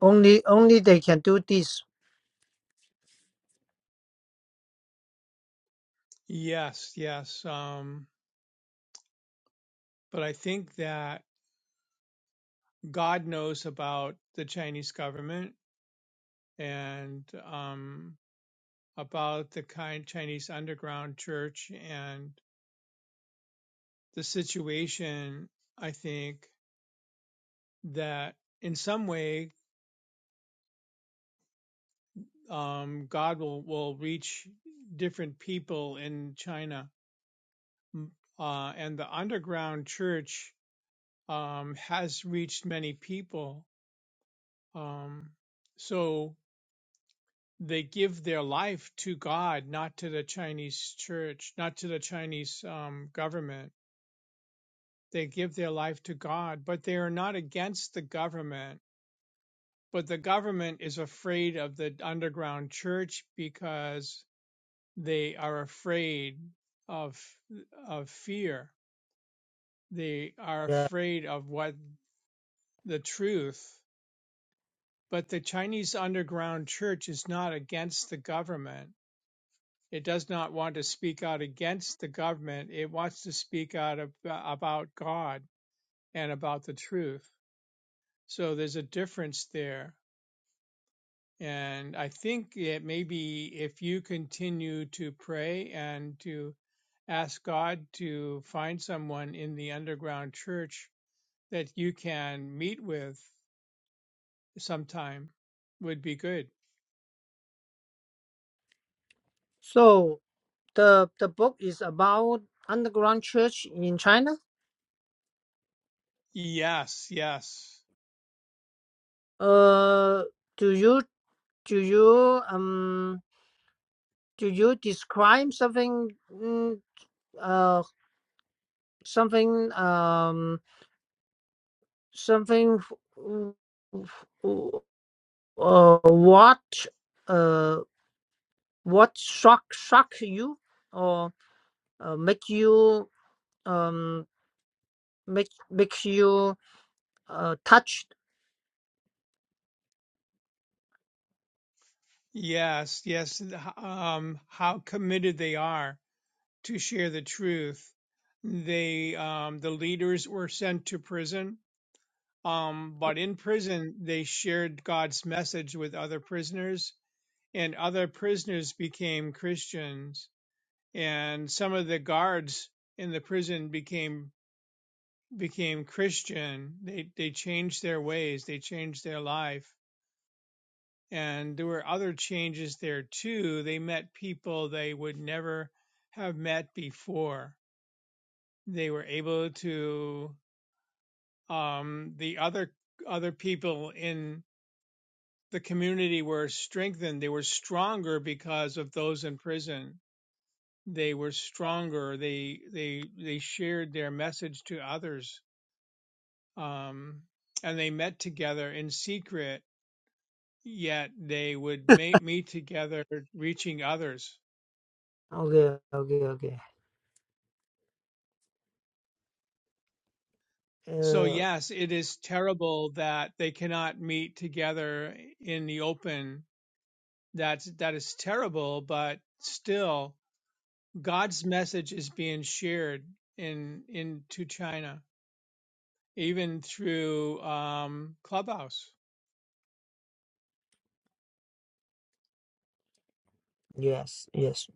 Only only they can do this. yes, yes. Um, but I think that God knows about the Chinese government and um, about the kind Chinese underground church and. the situation, I think that in some way, um, God will, will reach different people in China. Uh, and the underground church, um, has reached many people. Um, so they give their life to God, not to the Chinese church, not to the Chinese, um, government. They give their life to God, but they are not against the government but the government is afraid of the underground church because they are afraid of of fear. They are Yeah. afraid of what the truth. But the Chinese underground church is not against the government. It does not want to speak out against the government. It wants to speak out ab- about God and about the truth. So there's a difference there And I think it maybe if you continue to pray and to ask God to find someone in the underground church that you can meet with sometime would be good. So the the book is about underground church in China. Yes, yes, Uh, do you do you um do you describe something mm, uh something um something uh what uh what shock shock you or uh, make you um make make you uh touched yes, yes. Um, how committed they are to share the truth. They, um, the leaders were sent to prison. Um, but in prison, they shared God's message with other prisoners and other prisoners became Christians, and some of the guards in the prison became became Christian. They they changed their ways, they changed their life, and there were other changes there too. They met people they would never have met before. They were able to um, the other other people in the community were strengthened. They were stronger because of those in prison they were stronger. They they they shared their message to others, um, and they met together in secret. Yet they would ma- meet together, reaching others. okay okay okay So uh yes, it is terrible that they cannot meet together in the open. That's that is terrible, but still, God's message is being shared in into China, even through um, Clubhouse. yes yes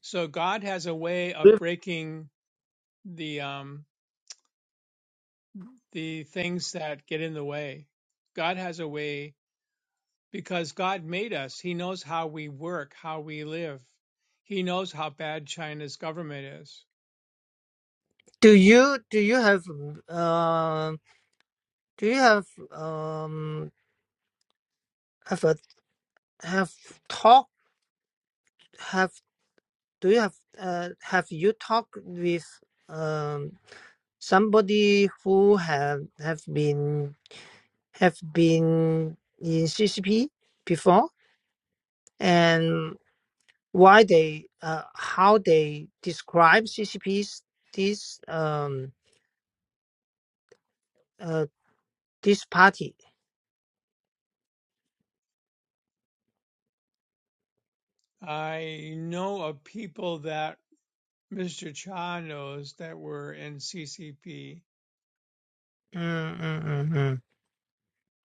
So God has a way of breaking the um, the things that get in the way. God has a way because God made us. He knows how we work, how we live. He knows how bad China's government is. Do you do you have um do you have um have a have talked have do you have uh have you talked with um somebody who have have been have been in CCP before and why they uh how they describe CCP's this um uh this party? I know of people that Mr. Cha knows that were in CCP. Hmm.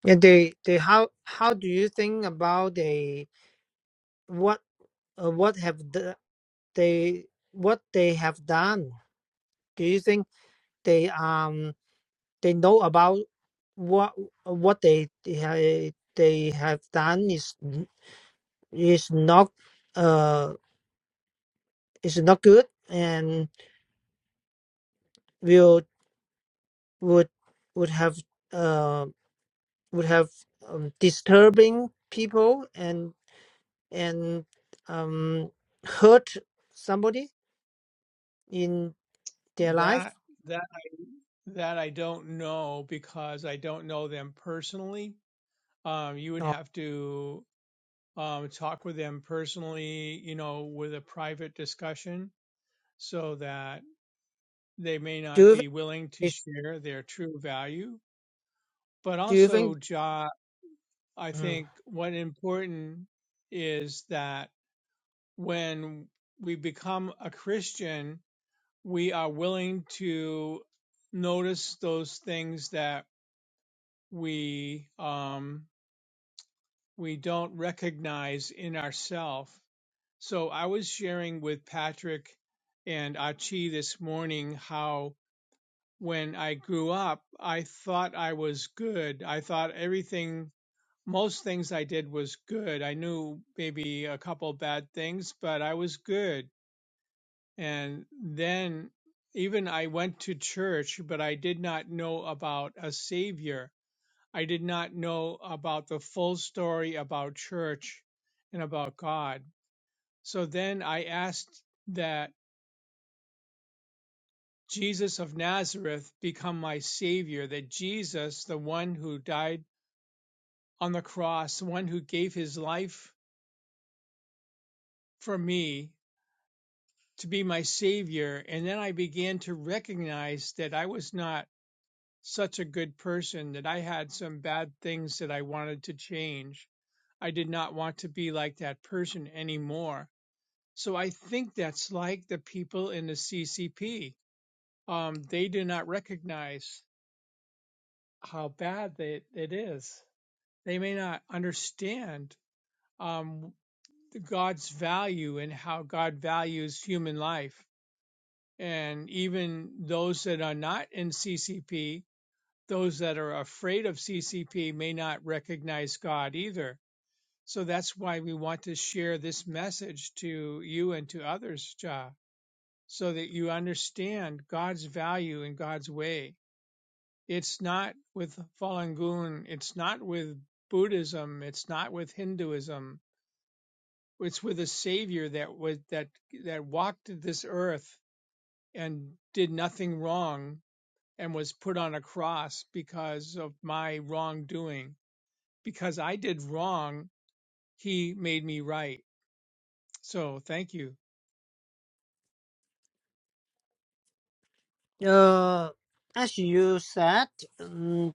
Yeah, they they how how do you think about they what uh, what have the, they what they have done? Do you think they um they know about what what they they ha- eh, they have done is is not uh is not good and will would would have uh would have um, disturbing people and and um hurt somebody? in their life? That that that I don't know because I don't know them personally. Um, you would No. have to um, talk with them personally, you know, with a private discussion so that they may Do not you think? be willing to is- share their true value. But Do you think? also, Ja, I Mm. think what important is that when we become a Christian, we are willing to notice those things that we um, we don't recognize in ourselves. So I was sharing with Patrick and Achi this morning how when I grew up, I thought I was good. I thought everything, most things I did was good. I knew maybe a couple bad things, but I was good. And then even I went to church, but I did not know about a savior. I did not know about the full story about church and about God. So then I asked that Jesus of Nazareth become my Savior, that Jesus, the one who died on the cross, the one who gave his life for me, to be my Savior. And then I began to recognize that I was not such a good person, that I had some bad things that I wanted to change. I did not want to be like that person anymore. So I think that's like the people in the CCP. Um, they do not recognize how bad they, it is. They may not understand um, God's value and how God values human life. And even those that are not in CCP, those that are afraid of CCP may not recognize God either. So that's why we want to share this message to you and to others, Ja. so that you understand God's value and God's way. It's not with Falun Gong, it's not with Buddhism, it's not with Hinduism. It's with a savior that was that that walked this earth and did nothing wrong and was put on a cross because of my wrongdoing. Because I did wrong, he made me right. So thank you. Uh, as you said, mm,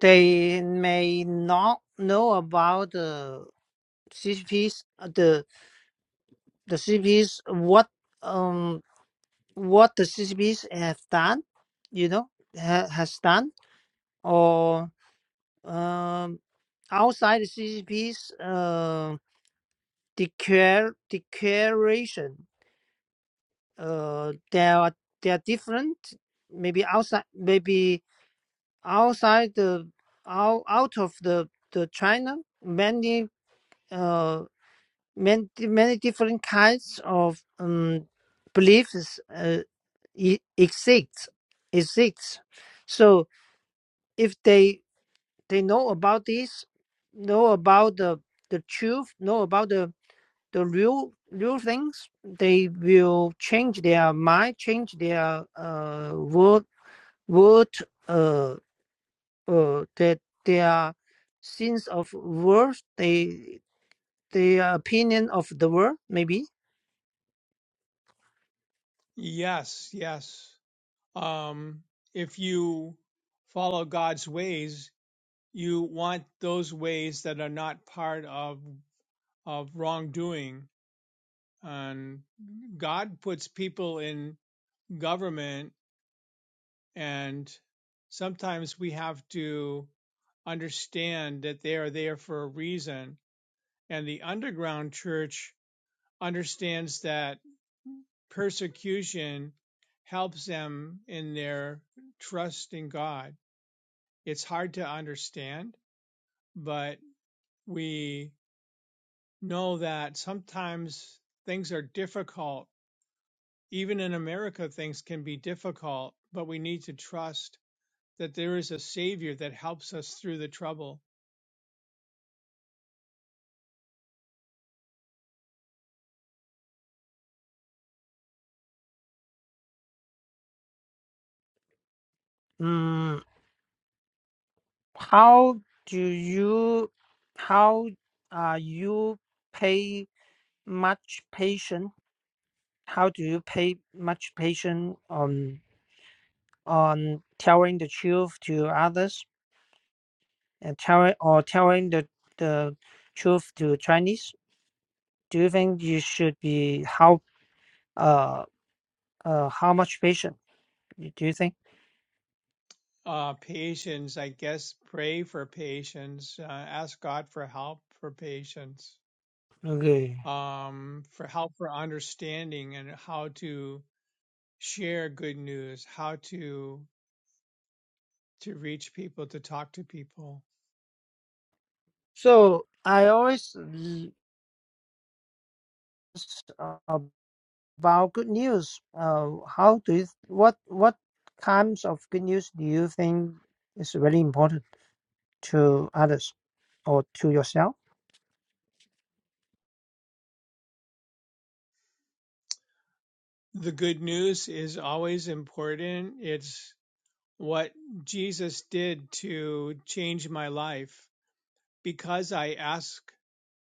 they may not know about the CCPs, uh, the the CCPs, what um what the CCPs have done, you know, ha, has done, or um outside the CCPs, uh, declare declaration. uh, they are they are different. Maybe outside, maybe outside the out, out of the the China, many uh many many different kinds of um beliefs uh, e- exist exists. So if they they know about this, know about the the truth, know about the the real real things they will change their mind change their uh word word uh uh that their sense of worth they their opinion of the world maybe Yes, yes. um, if you follow God's ways, you want those ways that are not part of of wrongdoing. And God puts people in government, and sometimes we have to understand that they are there for a reason. And the underground church understands that persecution helps them in their trust in God. It's hard to understand but we know that sometimes things are difficult. Even in America, things can be difficult, but we need to trust that there is a Savior that helps us through the trouble. Mm. How do you, how are you pay much patient? How do you pay much patient on on telling the truth to others and telling or telling the the truth to Chinese? Do you think you should be how uh uh how much patient do you think? Uh, patience, I guess, pray for patience, uh, ask God for help for patience, Okay, um, for help for understanding and how to share good news, how to to reach people, to talk to people. so I always l- about good news. Uh, how do you, what what kinds of good news do you think is really important to others or to yourself? the good news is always important. It's what Jesus did to change my life because I ask,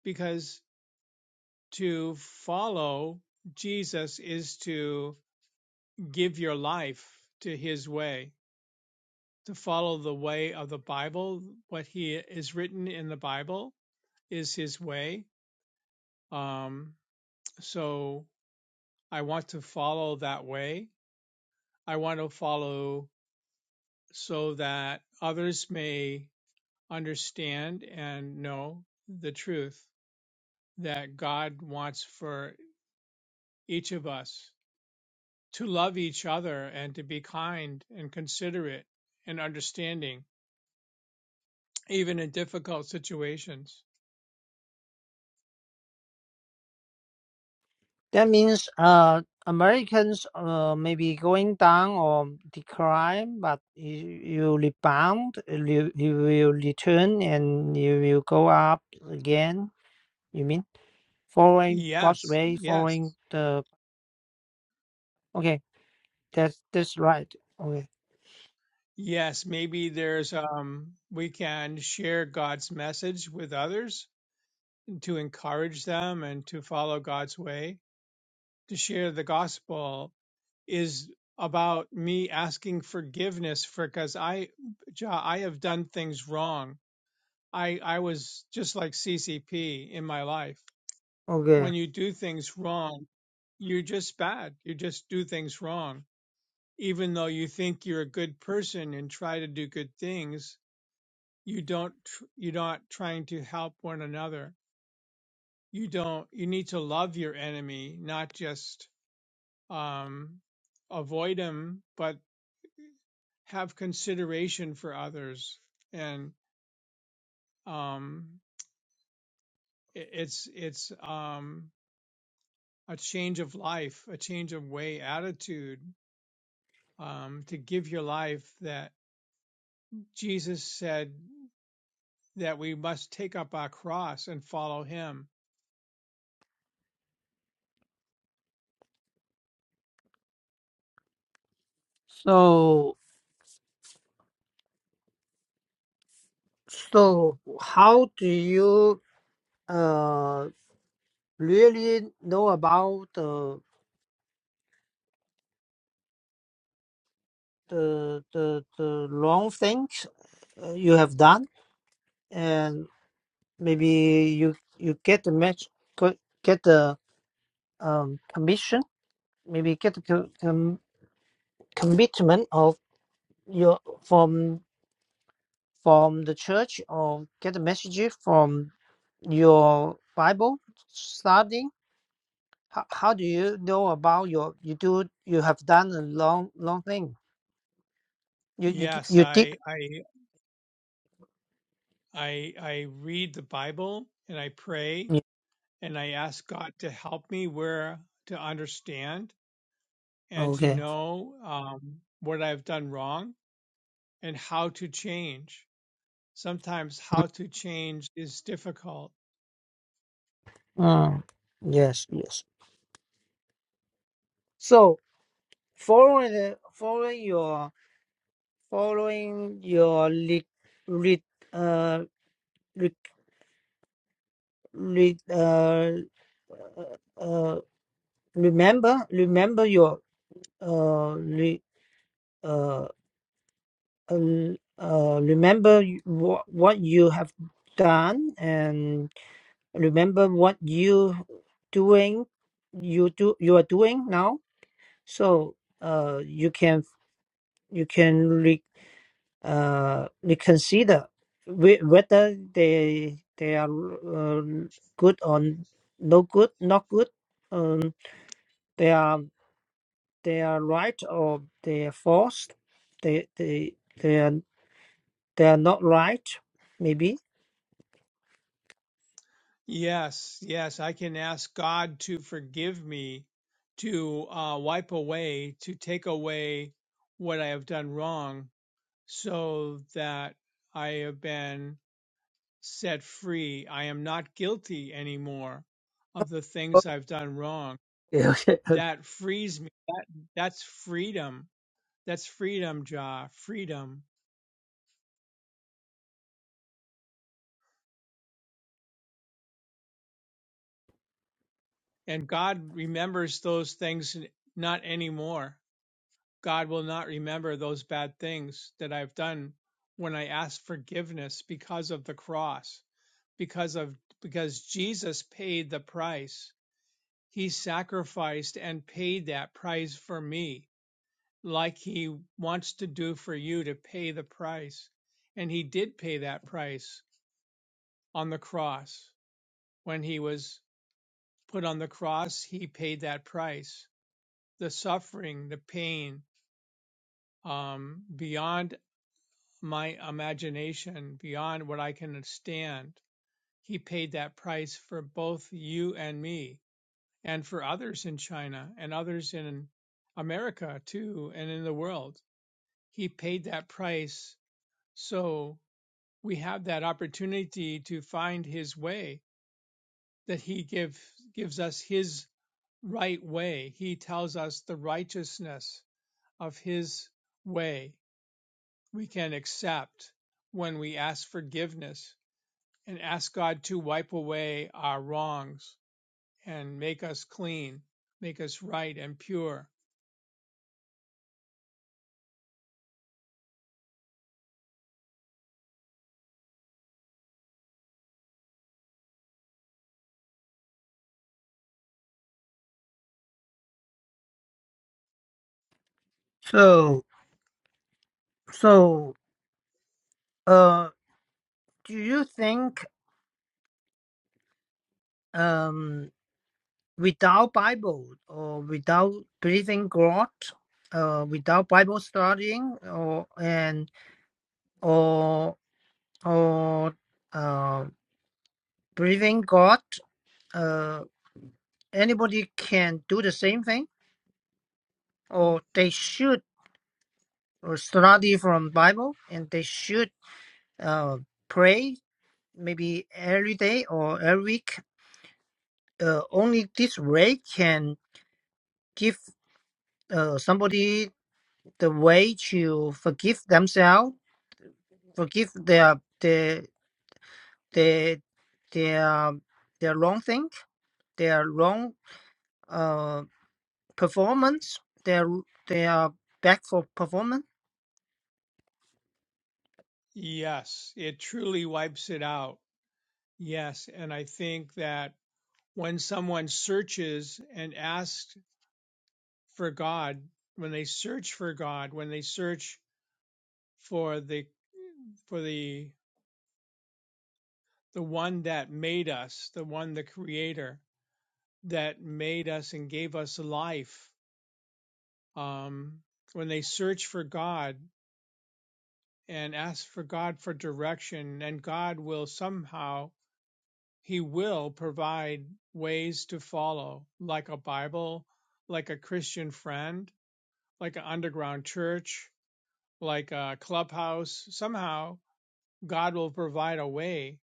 because to follow Jesus is to give your life to his way, to follow the way of the Bible. What he is written in the Bible is his way. Um, so I want to follow that way. I want to follow so that others may understand and know the truth that God wants for each of us to love each other and to be kind and considerate and understanding, even in difficult situations. That means uh, Americans uh, may be going down or decline, but you, you rebound, you, you will return, and you will go up again. You mean following God's Yes, way, yes, following the okay. That's that's right. Okay. yes. Maybe there's, um, we can share God's message with others to encourage them and to follow God's way, to share the gospel is about me asking forgiveness for because I, Ja, I have done things wrong. I I was just like CCP in my life. Okay. When you do things wrong, you're just bad. You just do things wrong. Even though you think you're a good person and try to do good things, you don't. tr- You're not trying to help one another. You don't. You need to love your enemy, not just um, avoid him, but have consideration for others and um i- it's it's um a change of life a change of way attitude um to give your life that Jesus said that we must take up our cross and follow him So. So, how do you uh really know about the the the the wrong things uh, you have done, and maybe you you get the match, co- get the um commission, maybe get the co- com- commitment of your from from the church, or get a message from your Bible study how, how do you know about your you do you have done a long long thing you you yes you did i i i i read the bible and i pray yeah. and i ask god to help me where to understand and to okay know um what i've done wrong and how to change. Sometimes Mm, how to change is difficult. mm, yes yes so following the- following your following your re re uh re, re, uh, uh remember remember your uh re, uh uh, uh, remember what what you have done and remember what you doing you do you are doing now so uh you can you can re, uh reconsider whe- whether they they are uh, good or no good not good um they are they are right or they are false they they they are they are not right maybe Yes, yes, I can ask God to forgive me, to uh, wipe away, to take away what I have done wrong, so that I have been set free. I am not guilty anymore of the things I've done wrong. okay okay okay That frees me. That, that's freedom. That's freedom, Jah. Freedom. And God remembers those things not anymore. God will not remember those bad things that I've done when I ask forgiveness because of the cross, because of because Jesus paid the price. He sacrificed and paid that price for me, like he wants to do for you to pay the price. And he did pay that price on the cross. When he was put on the cross, he paid that price the suffering, the pain, um, beyond my imagination, beyond what I can stand. He paid that price for both you and me, and for others in China and others in America too, and in the world. He paid that price. So we have that opportunity to find his way, that he give, gives us his right way. He tells us the righteousness of his way we can accept when we ask forgiveness and ask God to wipe away our wrongs and make us clean, make us right and pure. so so uh do you think um, without Bible or without breathing God, uh, without Bible studying or and or or uh, breathing God, uh, anybody can do the same thing, or they should study from Bible and they should uh, pray maybe every day or every week. Uh, only this way can give uh, somebody the way to forgive themselves, forgive their their their their their wrong thing, their wrong uh performance, their their back for performance. Yes, it truly wipes it out. Yes. And I think that when someone searches and asks for God, when they search for God, when they search for the, for the, the one that made us, the one, the creator that made us and gave us life, um, when they search for God and ask for God for direction, and God will somehow, He will provide ways to follow, like a Bible, like a Christian friend, like an underground church, like a clubhouse. Somehow, God will provide a way.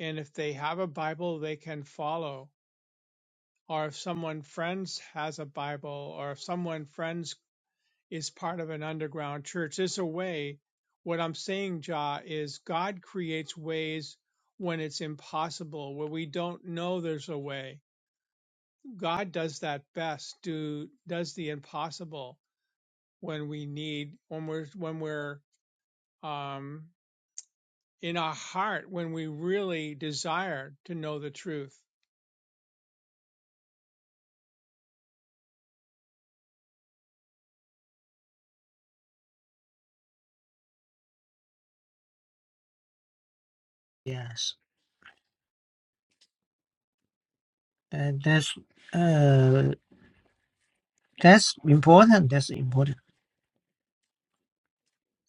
And if they have a Bible, they can follow. Or if someone friends has a Bible, or if someone friends is part of an underground church. There's a way. What I'm saying, Jah, is God creates ways when it's impossible, where we don't know there's a way. God does that best. Do does the impossible when we need, when we're when we're um, in our heart, when we really desire to know the truth. Yes, and that's uh that's important. That's important.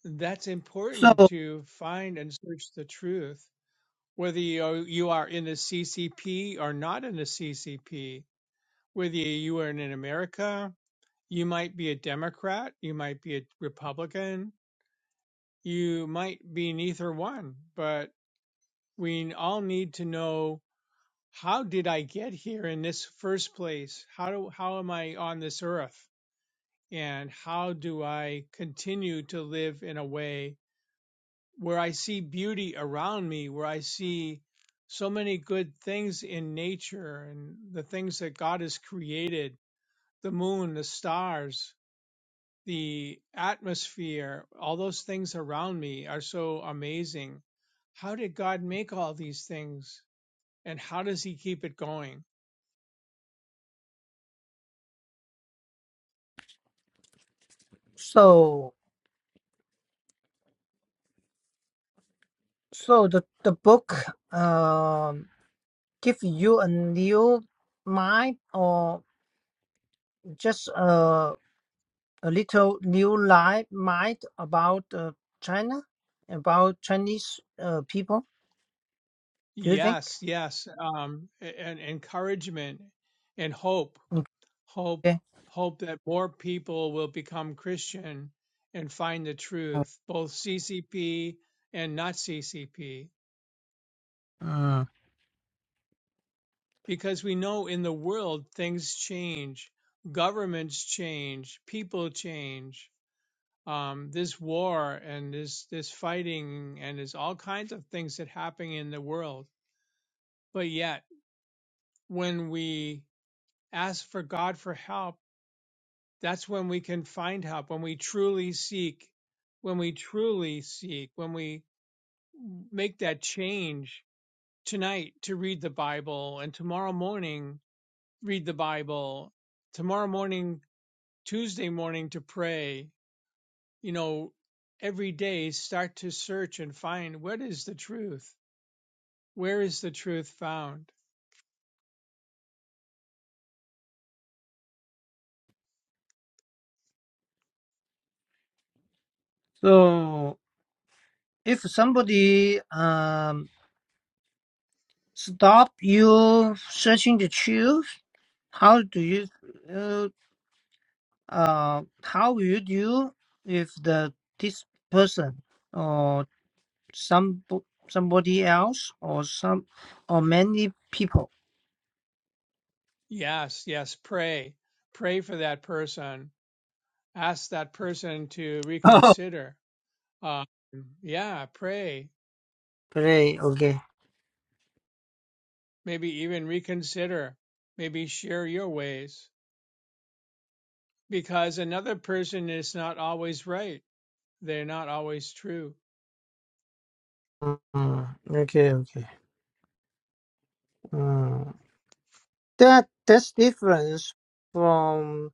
That's So important to find and search the truth, whether you are, you are in the CCP or not in the CCP whether you are in America, you might be a Democrat, you might be a Republican, you might be neither one, but we all need to know how did I get here in this first place? How do, how am I on this earth? And how do I continue to live in a way where I see beauty around me, where I see so many good things in nature and the things that God has created, the moon, the stars, the atmosphere, all those things around me are so amazing. How did God make all these things and how does he keep it going? so so the the book um give you a new mind or just uh, a little new light mind about uh, China, about Chinese uh, people. Do you think? Yes, yes. Um, and encouragement and hope, hope, Okay. hope that more people will become Christian and find the Oh, truth, both CCP and not CCP, Uh, because we know in the world things change, governments change, people change um, this war and this this fighting and there's all kinds of things that happen in the world. But yet, when we ask for God for help, that's when we can find help. When we truly seek, when we truly seek, when we make that change tonight to read the Bible and tomorrow morning read the Bible, tomorrow morning, Tuesday morning to pray, you know, every day start to search and find what is the truth? Where is the truth found? so if somebody um stop you searching the truth, how do you uh, uh how would you if the this person or some somebody else or some or many people? Yes, yes, pray. Pray for that person. Ask that person to (laughs) Oh, reconsider. Um, yeah, pray. great. Okay. Maybe even reconsider. Maybe share your ways. Because another person is not always right. They're not always true. Mm, okay, okay. Mm. That that's difference from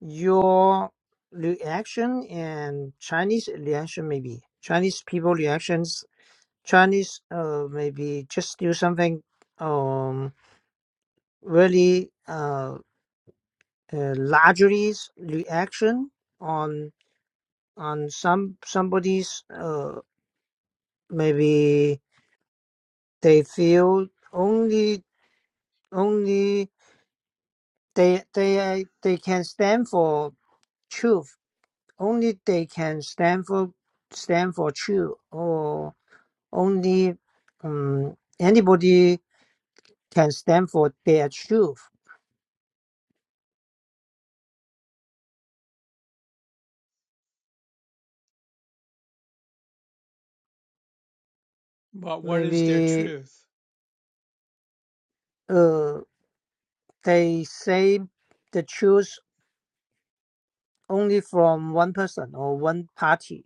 your reaction and Chinese reaction maybe. Chinese people reactions Chinese uh maybe just do something um really uh, uh largely reaction on on some somebody's uh maybe they feel only only They they uh, they can stand for truth. Only they can stand for stand for truth, or only um, anybody can stand for their truth. But what is their Maybe truth? uh, they say the truth only from one person or one party.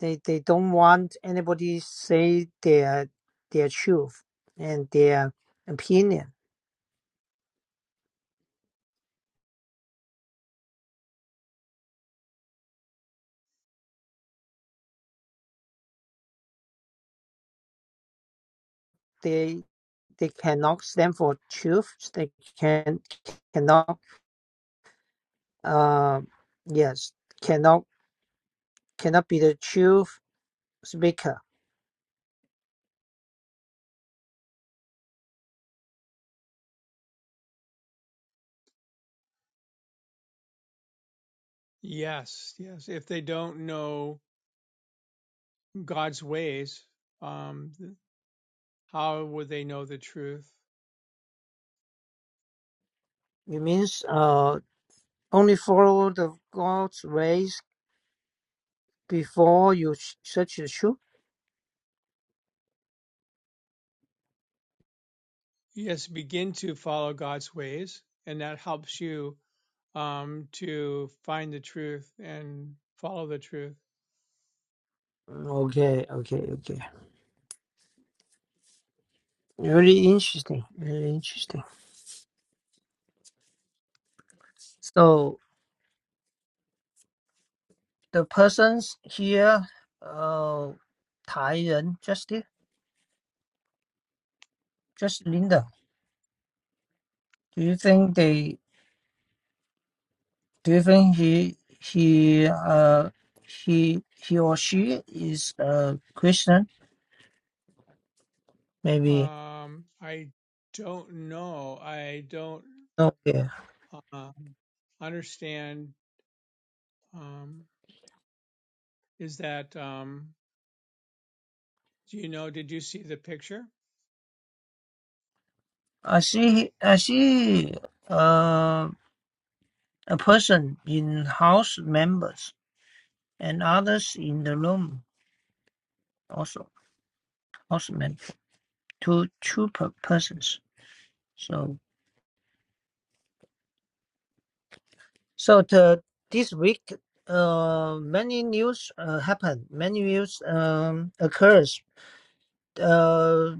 They they don't want anybody say their their truth and their opinion. They. they cannot stand for truth. They can cannot uh yes cannot cannot be the truth speaker. Yes, yes. If they don't know God's ways, um, how would they know the truth? It means uh only follow the God's ways before you s- search the truth. Yes, begin to follow God's ways, and that helps you um, to find the truth and follow the truth. Okay, okay, okay. Really interesting. Really interesting. So the persons here, uh, 台人, just it- just Linda. Do you think they Do you think he he uh he he or she is a Christian? Maybe Um, I don't know. I don't okay. uh, understand. Um, is that? Um, do you know? Did you see the picture? I see I see uh a person in house members and others in the room also house members two two per persons. So so the this week uh many news uh happen many news um occurs uh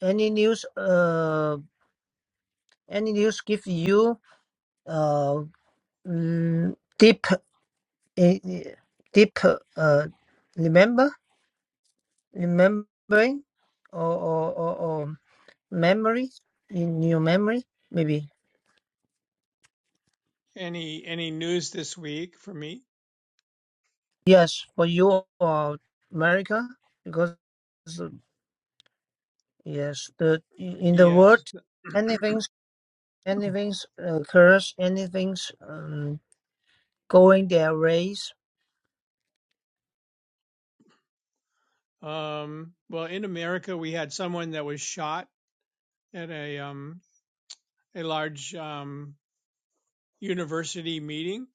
any news uh. Any news give you uh mm, deep eh, eh, deep uh remember remembering or or, or, or memory in your memory maybe Any any news this week for me? yes for you or America because uh, yes the in the world Yes. anything's anything's occurs anything's um, going their ways Um, well, in America, we had someone that was shot at a um, a large um, university meeting.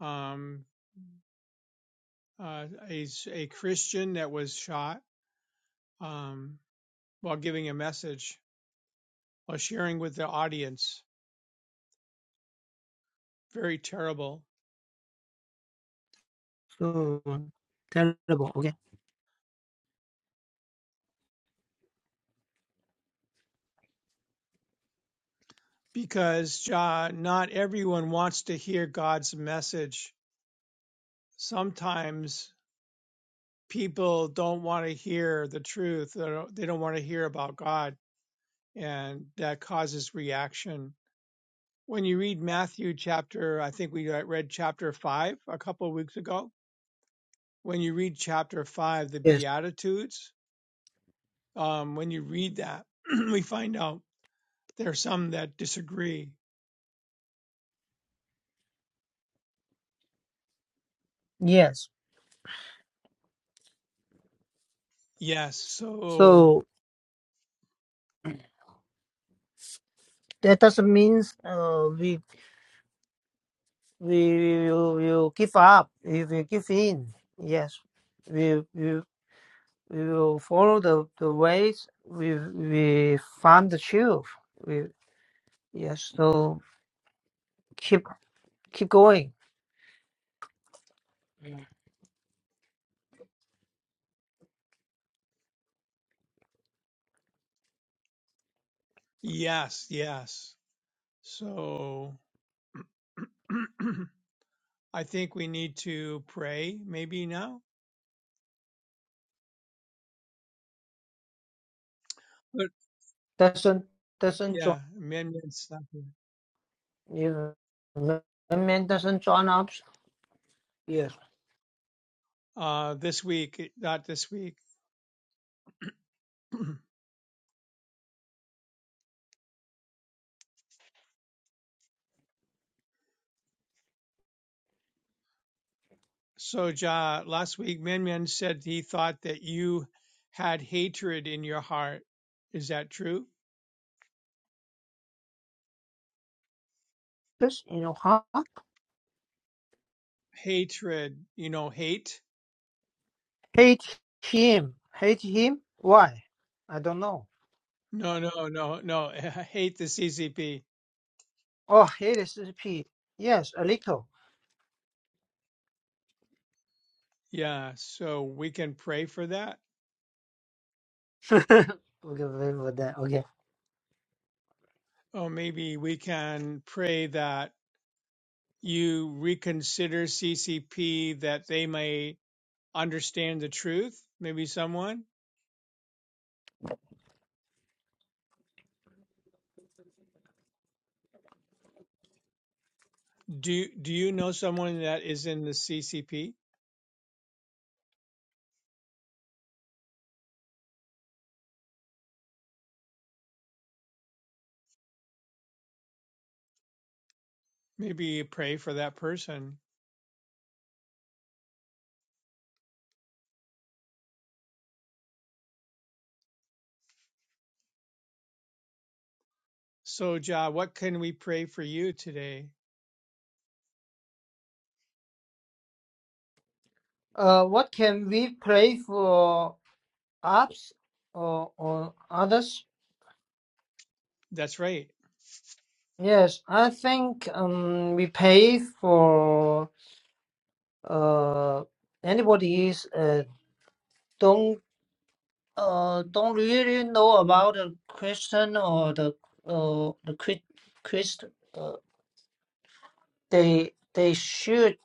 Um, uh, a s- a Christian that was shot um, while giving a message while sharing with the audience. Very terrible so terrible okay because uh, not everyone wants to hear God's message. Sometimes people don't want to hear the truth. They don't, they don't want to hear about God, and that causes reaction when you read Matthew chapter, I think we read chapter five a couple of weeks ago. When you read chapter five, the yes Beatitudes, um, when you read that, (clears throat) we find out there are some that disagree. yes Yes, so, so. That doesn't mean uh, we we will, will give up. We will give in. Yes, we we, we will follow the, the ways. We we find the truth. We yes. So keep keep going. yes, yes. So, (clears throat) I think we need to pray maybe now. But Doesn't doesn't join. yeah, amendments. not here. You know, man doesn't join up. Yes. Uh, this week, not this week. (clears throat) So, Ja, last week, Minmin said he thought that you had hatred in your heart. Is that true? Just you know, huh? Hatred, you know, hate? hate him. Hate him. Why? I don't know. No, no, no, no. (laughs) hate the CCP. Oh, hate is P. Yes, a little. Yeah. So we can pray for that. Okay, okay, okay. Or maybe we can pray that you reconsider CCP that they may understand the truth. Maybe someone. Do, do you know someone that is in the CCP? Maybe you pray for that person. So, Jah, what can we pray for you today? Uh, what can we pray for apps or, or others? That's right. Yes, I think um, we pay for uh, anybody is uh, don't uh, don't really know about the Christian or the uh, the Christ, Christ uh, they they should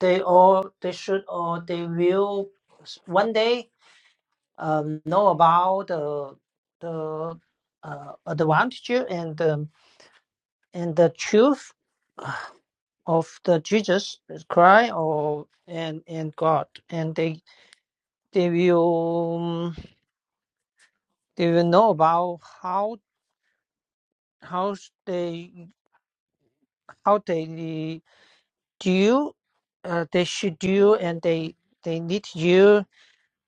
they all they should or they will one day um, know about the the uh, advantage and um, and the truth of the Jesus Christ or and and God, and they they will um, they will know about how how they how they do uh, they should do and they they need you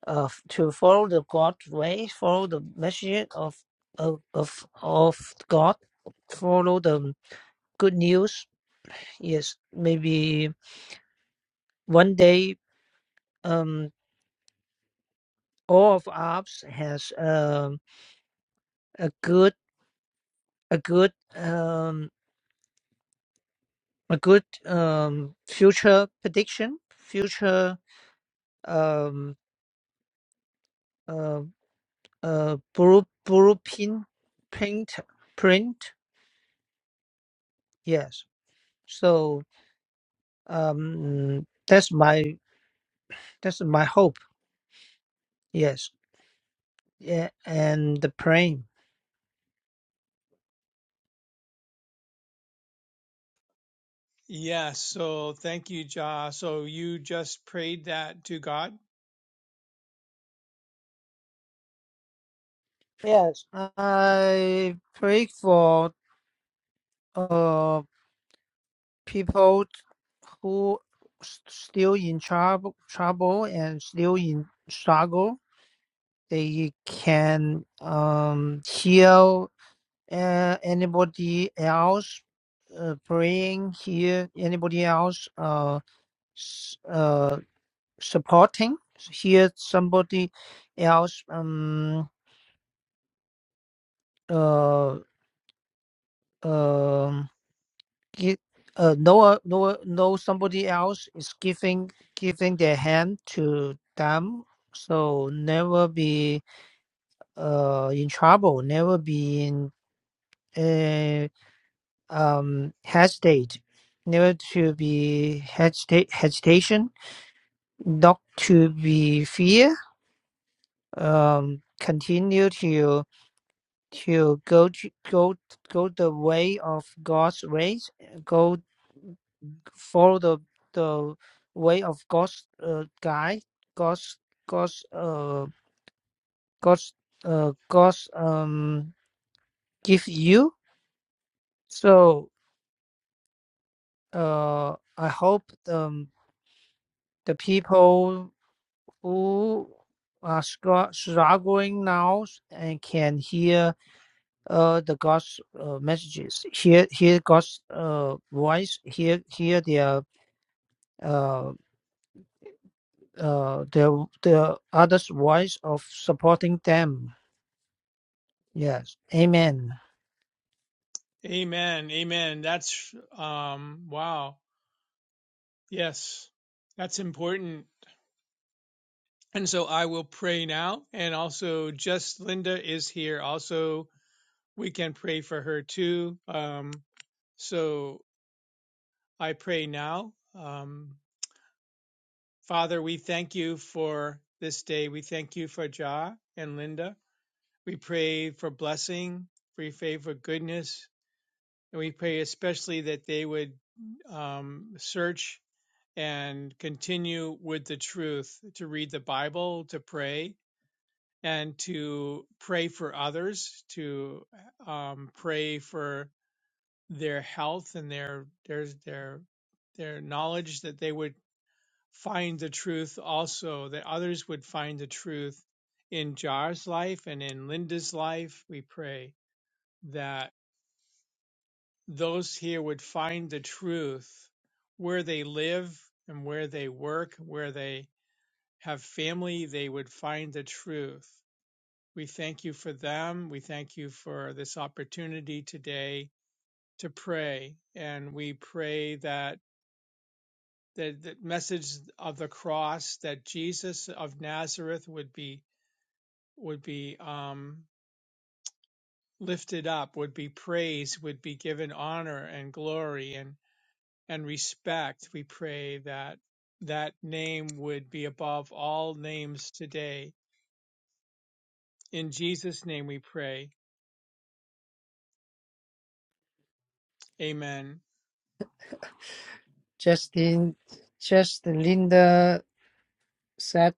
uh, to follow the God's way, follow the message of of of, of God, follow the good news is maybe one day um, all of apps has um, a good a good um, a good um, future prediction future um, uh, uh, blue, blueprint print print yes so um, that's my that's my hope yes yeah and the praying Yes. So, thank you, Jah. So, you just prayed that to God? yes I pray for uh, people who s- still in trouble, trouble and still in struggle, they can um, hear uh, anybody else uh, praying, hear anybody else uh, s- uh, supporting, hear somebody else um, uh, um gi- uh, know know know somebody else is giving giving their hand to them so never be uh in trouble never be in uh, um hesitate never to be hesitate hesitation not to be fear um continue to to go to, go go the way of god's ways go follow the the way of God's uh, guide, God's God's uh God's uh God's um give you. So uh I hope um the people who are scr- struggling now and can hear uh the God's uh, messages, hear hear God's uh voice, hear hear their uh uh the the others voice of supporting them Yes. Amen. Amen. Amen. That's, um, wow. Yes. That's important. And so, I will pray now. And also, just Linda is here. Also, we can pray for her too. Um, so, I pray now. Um, Father, we thank you for this day. We thank you for Ja and Linda. We pray for blessing, we pray for goodness, and we pray especially that they would um, search and continue with the truth to read the Bible, to pray, and to pray for others, to um, pray for their health and their their their their knowledge that they would find the truth also, that others would find the truth in Jar's life and in Linda's life. We pray that those here would find the truth where they live and where they work, where they have family, they would find the truth. We thank you for them. We thank you for this opportunity today to pray. And we pray that the, the message of the cross, that Jesus of Nazareth would be would be um, lifted up, would be praised, would be given honor and glory and, and respect. We pray that that name would be above all names today. In Jesus' name we pray. Amen. Justin, just Linda said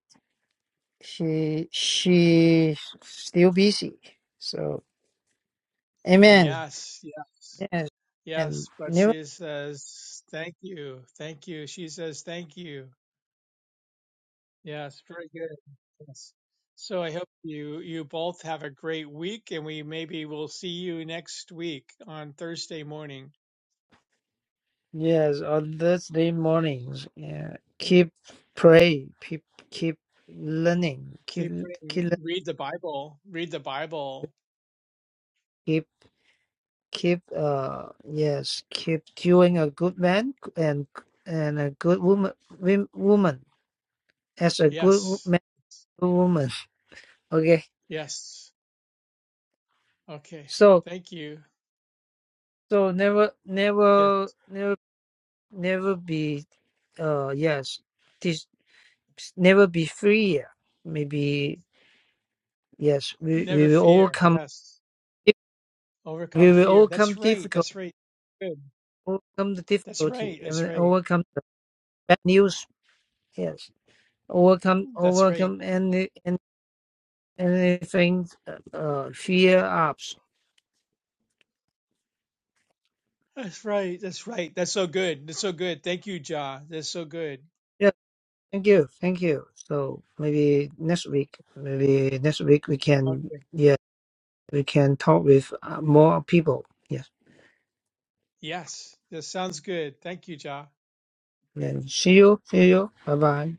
she she still busy. So amen. Yes, yes, Yes. And yes. But new she says, thank you. Thank you. She says, thank you. Yes, very good. Yes. So I hope you you both have a great week, and we maybe will see you next week on Thursday morning. yes on Thursday mornings. Yeah. Keep pray. Keep keep learning. Keep Keep keep reading, lear- read the Bible. Read the Bible. keep keep uh yes keep doing a good man and and a good woman wom- woman as a good wo- Yes. man woman. (laughs) Okay. Yes. Okay. So Thank you. So never, Yes. never, never, never be, uh, yes, this never be free. Maybe yes, we, we Never will fear. overcome. Yes. We Overcome will fear. overcome That's right. difficult, That's right. Good. overcome the That's difficulty, right. That's and right. overcome the bad news. Yes, overcome, That's right. overcome any, any anything, uh, uh, fear ups. That's right. That's right. That's so good. That's so good. Thank you, Ja. That's so good. Yeah, thank you, thank you. So maybe next week, maybe next week we Okay. can, yeah, we can talk with uh, more people. Yes. Yes, this sounds good. Thank you, Ja. Yeah. See you. See you. Bye bye.